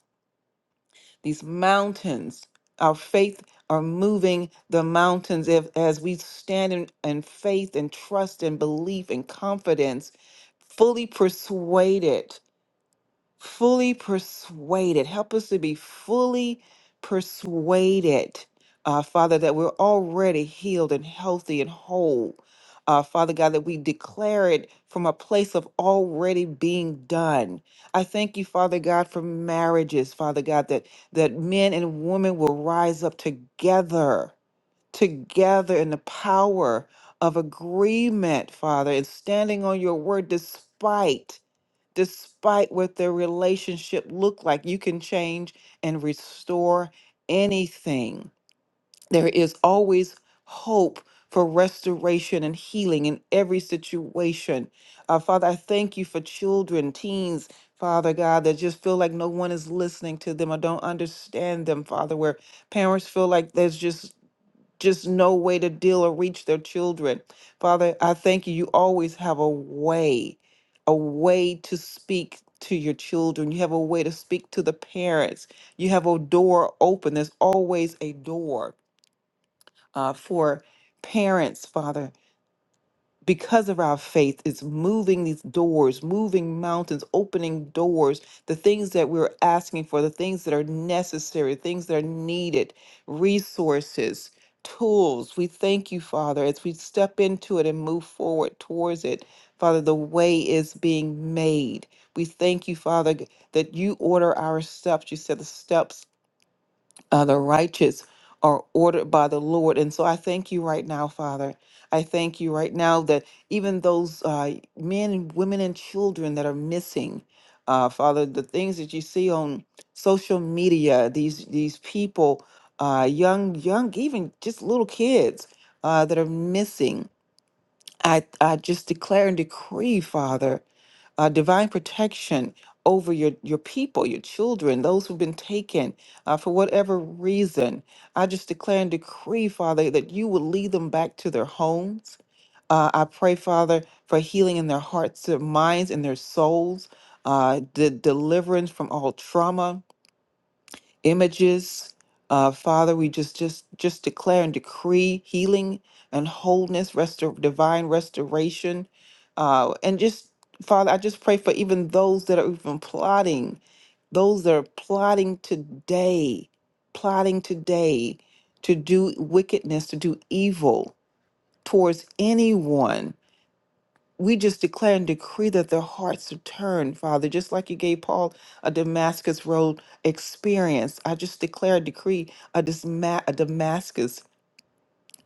[SPEAKER 6] these mountains, our faith are moving the mountains if, as we stand in, in faith and trust and belief and confidence, fully persuaded fully persuaded. Help us to be fully persuaded, uh, Father, that we're already healed and healthy and whole. Uh, Father God, that we declare it from a place of already being done. I thank you, Father God, for marriages, Father God, that that men and women will rise up together, together in the power of agreement, Father, and standing on your word despite despite what their relationship looked like. You can change and restore anything. There is always hope for restoration and healing in every situation. Uh, Father, I thank you for children, teens, Father God, that just feel like no one is listening to them or don't understand them, Father, where parents feel like there's just just no way to deal or reach their children. Father, I thank you. You always have a way, a way to speak to your children. You have a way to speak to the parents. You have a door open. There's always a door uh, for parents, Father because of our faith it's moving these doors moving mountains opening doors the things that we're asking for the things that are necessary things that are needed resources tools we thank you father as we step into it and move forward towards it father the way is being made we thank you father g- that you order our steps you said the steps uh, the righteous are ordered by the Lord. And so I thank you right now, Father. I thank you right now that even those uh, men, and women, and children that are missing, uh, Father, the things that you see on social media, these these people, uh, young, young, even just little kids uh, that are missing. I, I just declare and decree, Father, uh, divine protection over your, your people, your children, those who've been taken uh, for whatever reason. I just declare and decree, Father, that you will lead them back to their homes. Uh, I pray, Father, for healing in their hearts, their minds, and their souls, uh, the deliverance from all trauma images. Uh, Father, we just just just declare and decree healing and wholeness, restor- divine restoration, uh, and just Father, I just pray for even those that are even plotting, those that are plotting today, plotting today to do wickedness, to do evil towards anyone we just declare and decree that their hearts are turned, Father, just like you gave Paul a Damascus Road experience. I just declare and decree a, Disma- a Damascus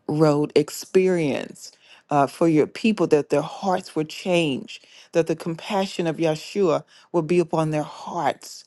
[SPEAKER 6] Road experience uh, for your people, that their hearts were changed, that the compassion of Yeshua will be upon their hearts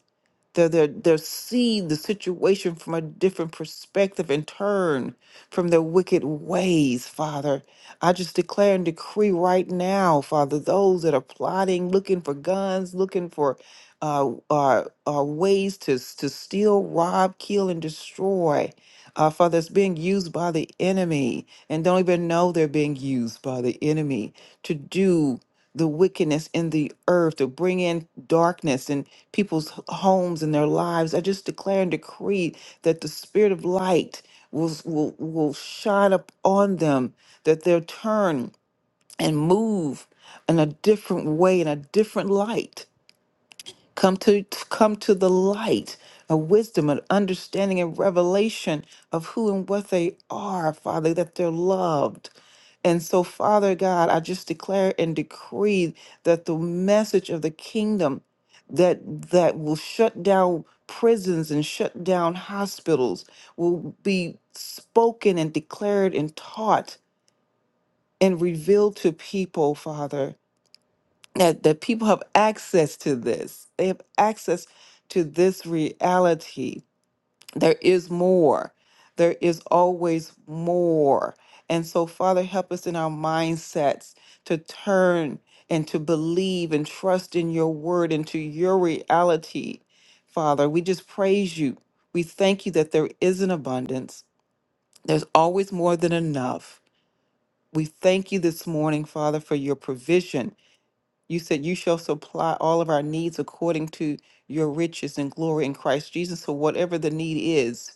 [SPEAKER 6] They'll, they'll, they'll see the situation from a different perspective and turn from their wicked ways, Father. I just declare and decree right now, Father, those that are plotting, looking for guns, looking for uh, uh, uh, ways to, s- to steal, rob, kill, and destroy. Uh, Father, it's being used by the enemy and don't even know they're being used by the enemy to do the wickedness in the earth, to bring in darkness people's h- homes and their lives. I just declare and decree that the spirit of light will, s- will, will shine up on them, that they'll turn and move in a different way, in a different light come to come to the light of wisdom and understanding and revelation of who and what they are father that they're loved and so father god i just declare and decree that the message of the kingdom that that will shut down prisons and shut down hospitals will be spoken and declared and taught and revealed to people father that, that people have access to this. They have access to this reality. There is more. There is always more. And so, Father, help us in our mindsets to turn and to believe and trust in your word and to your reality. Father, we just praise you. We thank you that there is an abundance. There's always more than enough. We thank you this morning, Father, for your provision. You said, You shall supply all of our needs according to your riches and glory in Christ Jesus. So, whatever the need is,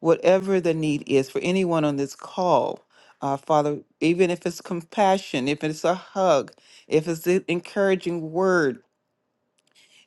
[SPEAKER 6] whatever the need is for anyone on this call, uh, Father, even if it's compassion, if it's a hug, if it's an encouraging word,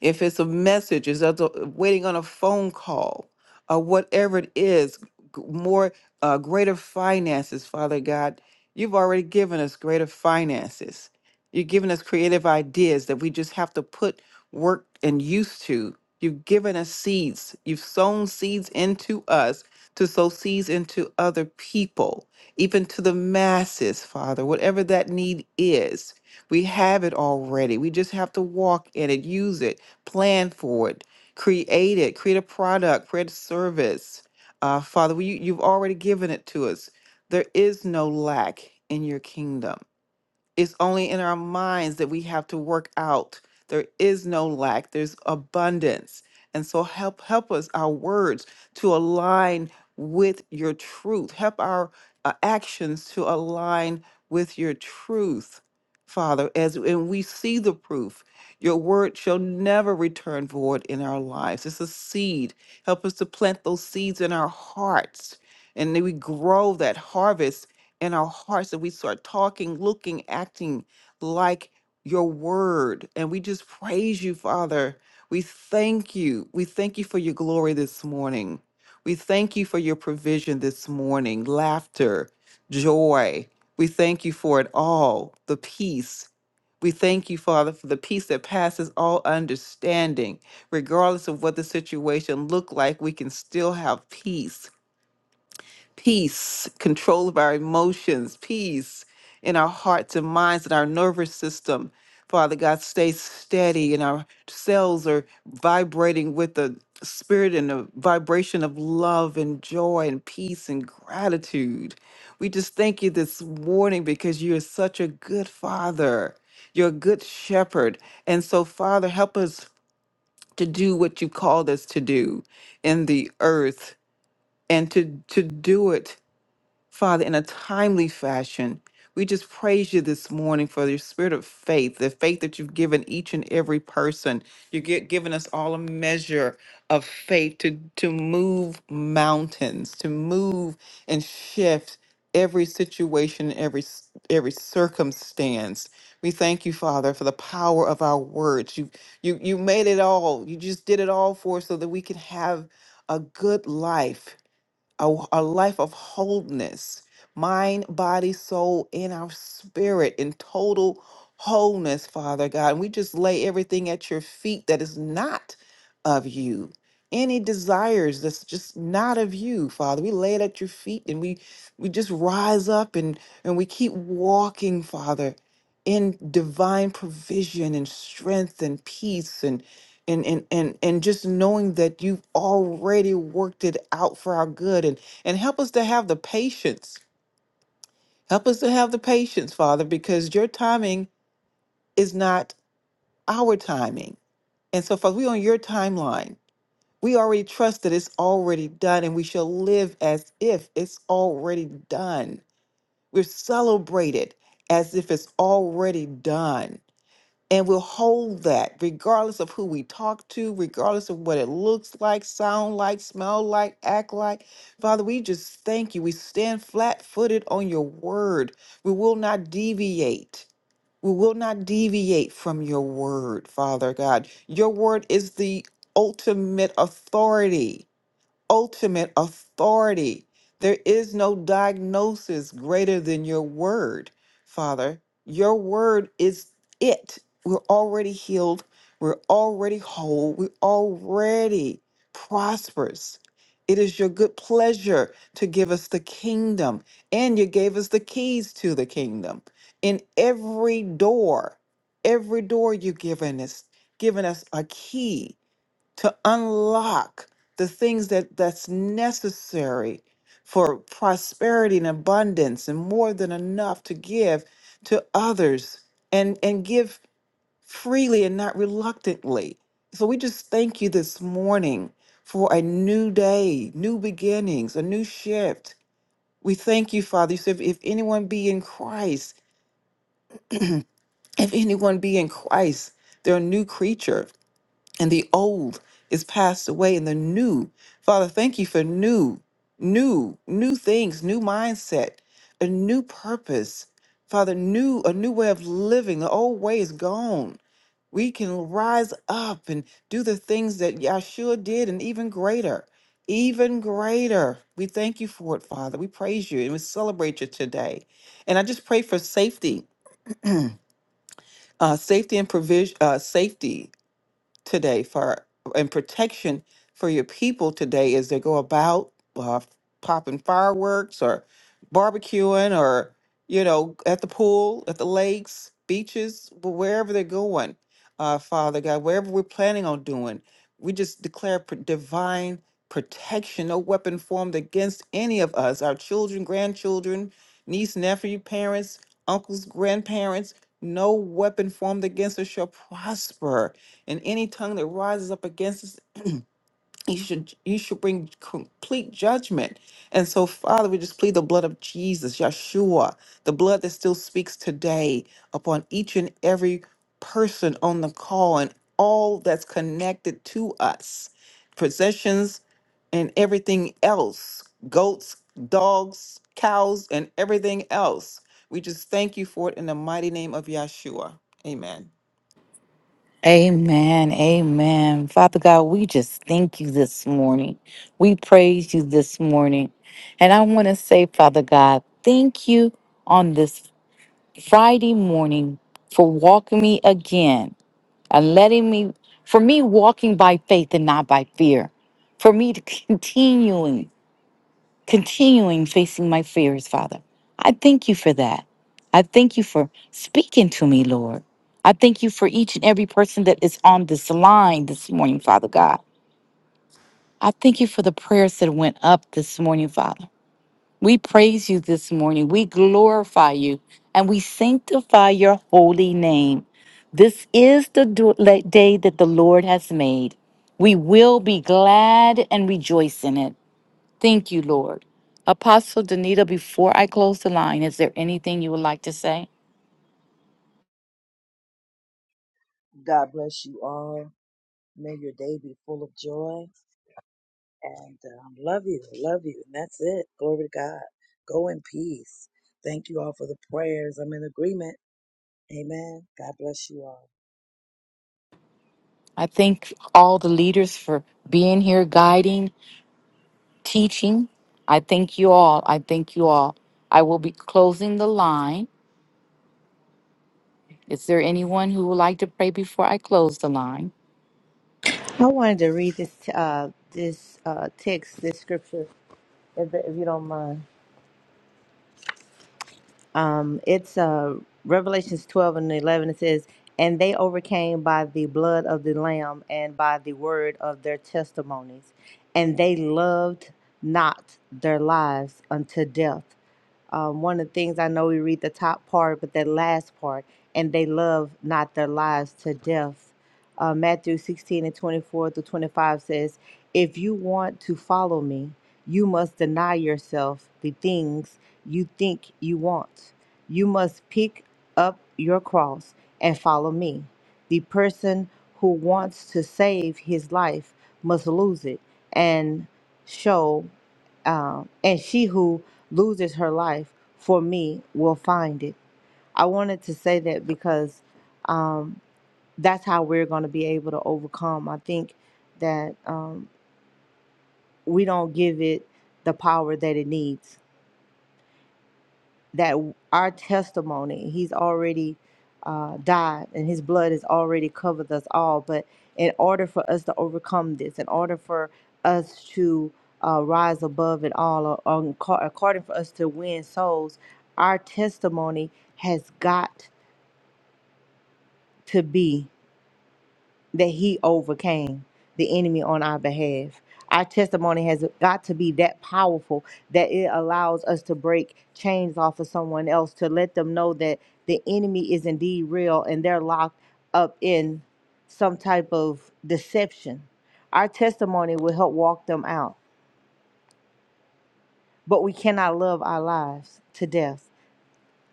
[SPEAKER 6] if it's a message, is that the- waiting on a phone call, or whatever it is, g- more uh, greater finances, Father God, you've already given us greater finances. You've given us creative ideas that we just have to put work and use to. You've given us seeds. You've sown seeds into us to sow seeds into other people, even to the masses, Father, whatever that need is. We have it already. We just have to walk in it, use it, plan for it, create it, create a product, create a service. Uh, Father, you, you've already given it to us. There is no lack in your kingdom. It's only in our minds that we have to work out. There is no lack, there's abundance. And so help help us our words to align with your truth. Help our uh, actions to align with your truth, Father, as and we see the proof. Your word shall never return void in our lives. It's a seed. Help us to plant those seeds in our hearts and then we grow that harvest in our hearts that we start talking, looking, acting like your word. And we just praise you, Father. We thank you. We thank you for your glory this morning. We thank you for your provision this morning, laughter, joy. We thank you for it all, the peace. We thank you, Father, for the peace that passes all understanding. Regardless of what the situation looked like, we can still have peace peace, control of our emotions, peace in our hearts and minds and our nervous system. Father God, stay steady, and our cells are vibrating with the spirit and the vibration of love and joy and peace and gratitude. We just thank you this morning because you are such a good father. You're a good shepherd. And so, Father, help us to do what you called us to do in the earth and to, to do it Father, in a timely fashion. We just praise you this morning for your spirit of faith, the faith that you've given each and every person. You've gi- given us all a measure of faith to, to move mountains, to move and shift every situation, every s- every circumstance. We thank you, Father, for the power of our words. You you you made it all. You just did it all for us so that we can have a good life a, a life of wholeness, mind, body, soul, and our spirit in total wholeness, Father God. And we just lay everything at your feet that is not of you. Any desires that's just not of you, Father. We lay it at your feet and we we just rise up and and we keep walking, Father, in divine provision and strength and peace and and and and and just knowing that you've already worked it out for our good and and help us to have the patience help us to have the patience father because your timing is not our timing and so father we are on your timeline we already trust that it's already done and we shall live as if it's already done we're celebrated as if it's already done and we'll hold that regardless of who we talk to regardless of what it looks like sound like smell like act like father we just thank you we stand flat-footed on your word we will not deviate we will not deviate from your word father god your word is the ultimate authority ultimate authority. There is no diagnosis greater than your word, Father. Your word is it. We're already healed. We're already whole. We're already prosperous. It is your good pleasure to give us the kingdom, and you gave us the keys to the kingdom. In every door, every door you've given us, given us a key to unlock the things that that's necessary for prosperity and abundance and more than enough to give to others and and give freely and not reluctantly so we just thank you this morning for a new day new beginnings a new shift we thank you father you said if, if anyone be in christ if anyone be in christ they're a new creature and the old is passed away and the new father thank you for new new new things new mindset a new purpose father new a new way of living the old way is gone we can rise up and do the things that yeshua did and even greater even greater we thank you for it father we praise you and we celebrate you today and i just pray for safety uh, safety and provision uh, safety today for and protection for your people today as they go about uh, popping fireworks or barbecuing or you know at the pool at the lakes beaches wh- wherever they're going uh, father god wherever we're planning on doing we just declare pr- divine protection no weapon formed against any of us our children grandchildren niece nephew parents uncles grandparents no weapon formed against us shall prosper and any tongue that rises up against us you should you should bring complete judgment and so father we just plead the blood of jesus yeshua the blood that still speaks today upon each and every person on the call and all that's connected to us possessions and everything else goats dogs cows and everything else we just thank you for it in the mighty name of yeshua amen
[SPEAKER 1] Amen. Amen. Father God, we just thank you this morning. We praise you this morning. And I want to say, Father God, thank you on this Friday morning for walking me again and letting me, for me, walking by faith and not by fear, for me to continuing, continuing facing my fears, Father. I thank you for that. I thank you for speaking to me, Lord. I thank you for each and every person that is on this line this morning, Father God. I thank you for the prayers that went up this morning, Father. We praise you this morning. We glorify you and we sanctify your holy name. This is the do- la- day that the Lord has made. We will be glad and rejoice in it. Thank you, Lord. Apostle Danita, before I close the line, is there anything you would like to say?
[SPEAKER 2] God bless you all. May your day be full of joy. And um, love you, love you. And that's it. Glory to God. Go in peace. Thank you all for the prayers. I'm in agreement. Amen. God bless you all.
[SPEAKER 1] I thank all the leaders for being here, guiding, teaching. I thank you all. I thank you all. I will be closing the line Is there anyone who would like to pray before I close the line?
[SPEAKER 3] I wanted to read this uh, this uh, text, this scripture. If, if you don't mind. um, it's uh, Revelations 12 and 11. It says, And they overcame by the blood of the Lamb and by the word of their testimonies. And they loved not their lives unto death. Um, one of the things I know we read the top part, but that last part, and they loved not their lives to death uh, Matthew 16 and 24 through 25 says, If you want to follow me, you must deny yourself the things you think you want. You must pick up your cross and follow me. The person who wants to save his life must lose it and show, um, and she who loses her life for me will find it. I wanted to say that because. um, that's how we're going to be able to overcome. I think that um, we don't give it the power that it needs. That our testimony, He's already uh, died, and His blood has already covered us all. But in order for us to overcome this, in order for us to uh, rise above it all, or, or acco- according for us to win souls, our testimony has got to be. that he overcame the enemy on our behalf. Our testimony has got to be that powerful that it allows us to break chains off of someone else to let them know that the enemy is indeed real and they're locked up in some type of deception. Our testimony will help walk them out, but we cannot love our lives to death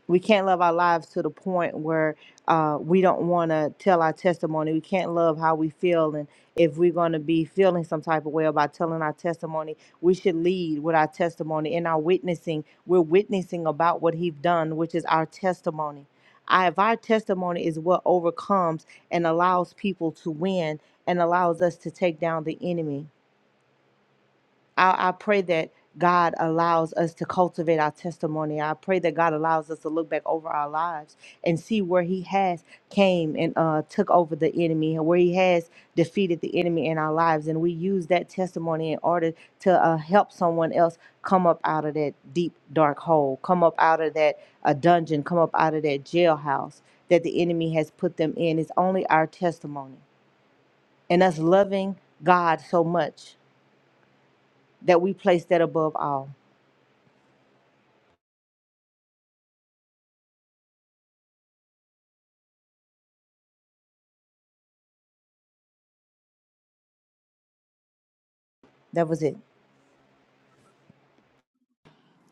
[SPEAKER 3] we can't love our lives to the point where uh, we don't want to tell our testimony. We can't love how we feel. And if we're going to be feeling some type of way about telling our testimony, we should lead with our testimony. In our witnessing, we're witnessing about what He's done, which is our testimony. I, if our testimony is what overcomes and allows people to win and allows us to take down the enemy I, I pray that God allows us to cultivate our testimony. I pray that God allows us to look back over our lives and see where He has came and uh, took over the enemy, and where He has defeated the enemy in our lives, and we use that testimony in order to uh, help someone else come up out of that deep dark hole, come up out of that uh, dungeon, come up out of that jailhouse that the enemy has put them in. It's only our testimony and us loving God so much that we place that above all That was it.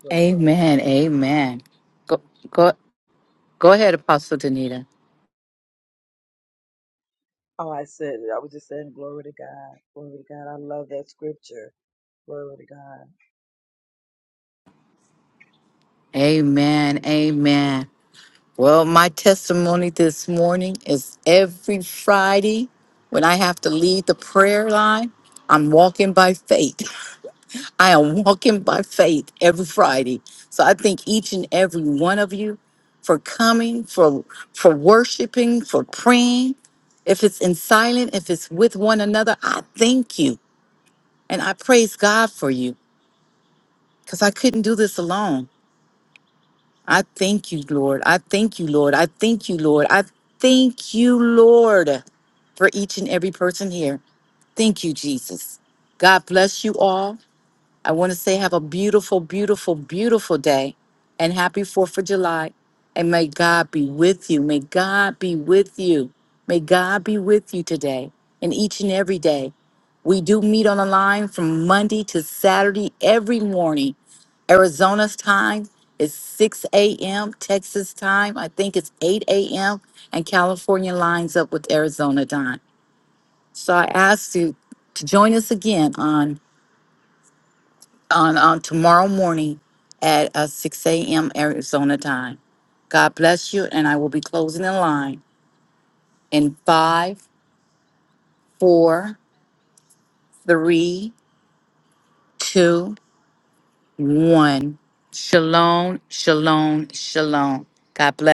[SPEAKER 2] Glory to God.
[SPEAKER 1] Amen. Amen. Go go go ahead, Apostle Danita.
[SPEAKER 2] Oh, I said, I was just saying, glory to God. Glory to God. I love that scripture. Glory to God.
[SPEAKER 1] Amen. Amen. Well, my testimony this morning is every Friday when I have to lead the prayer line, I'm walking by faith. I am walking by faith every Friday. So I thank each and every one of you for coming, for for worshiping, for praying. If it's in silent, if it's with one another, I thank you. And I praise God for you because I couldn't do this alone. I thank you, Lord. I thank you, Lord. I thank you, Lord. I thank you, Lord, for each and every person here. Thank you, Jesus. God bless you all. I want to say have a beautiful, beautiful, beautiful day and happy 4th of July. And may God be with you. May God be with you. May God be with you today and each and every day. We do meet on the line from Monday to Saturday every morning. Arizona's time is 6 a.m. Texas time, I think it's 8 a.m. And California lines up with Arizona time. So I ask you to join us again on on, on tomorrow morning at uh, 6 a.m. Arizona time. God bless you, and I will be closing the line in five, four, three, two, one. Shalom, shalom, shalom. God bless.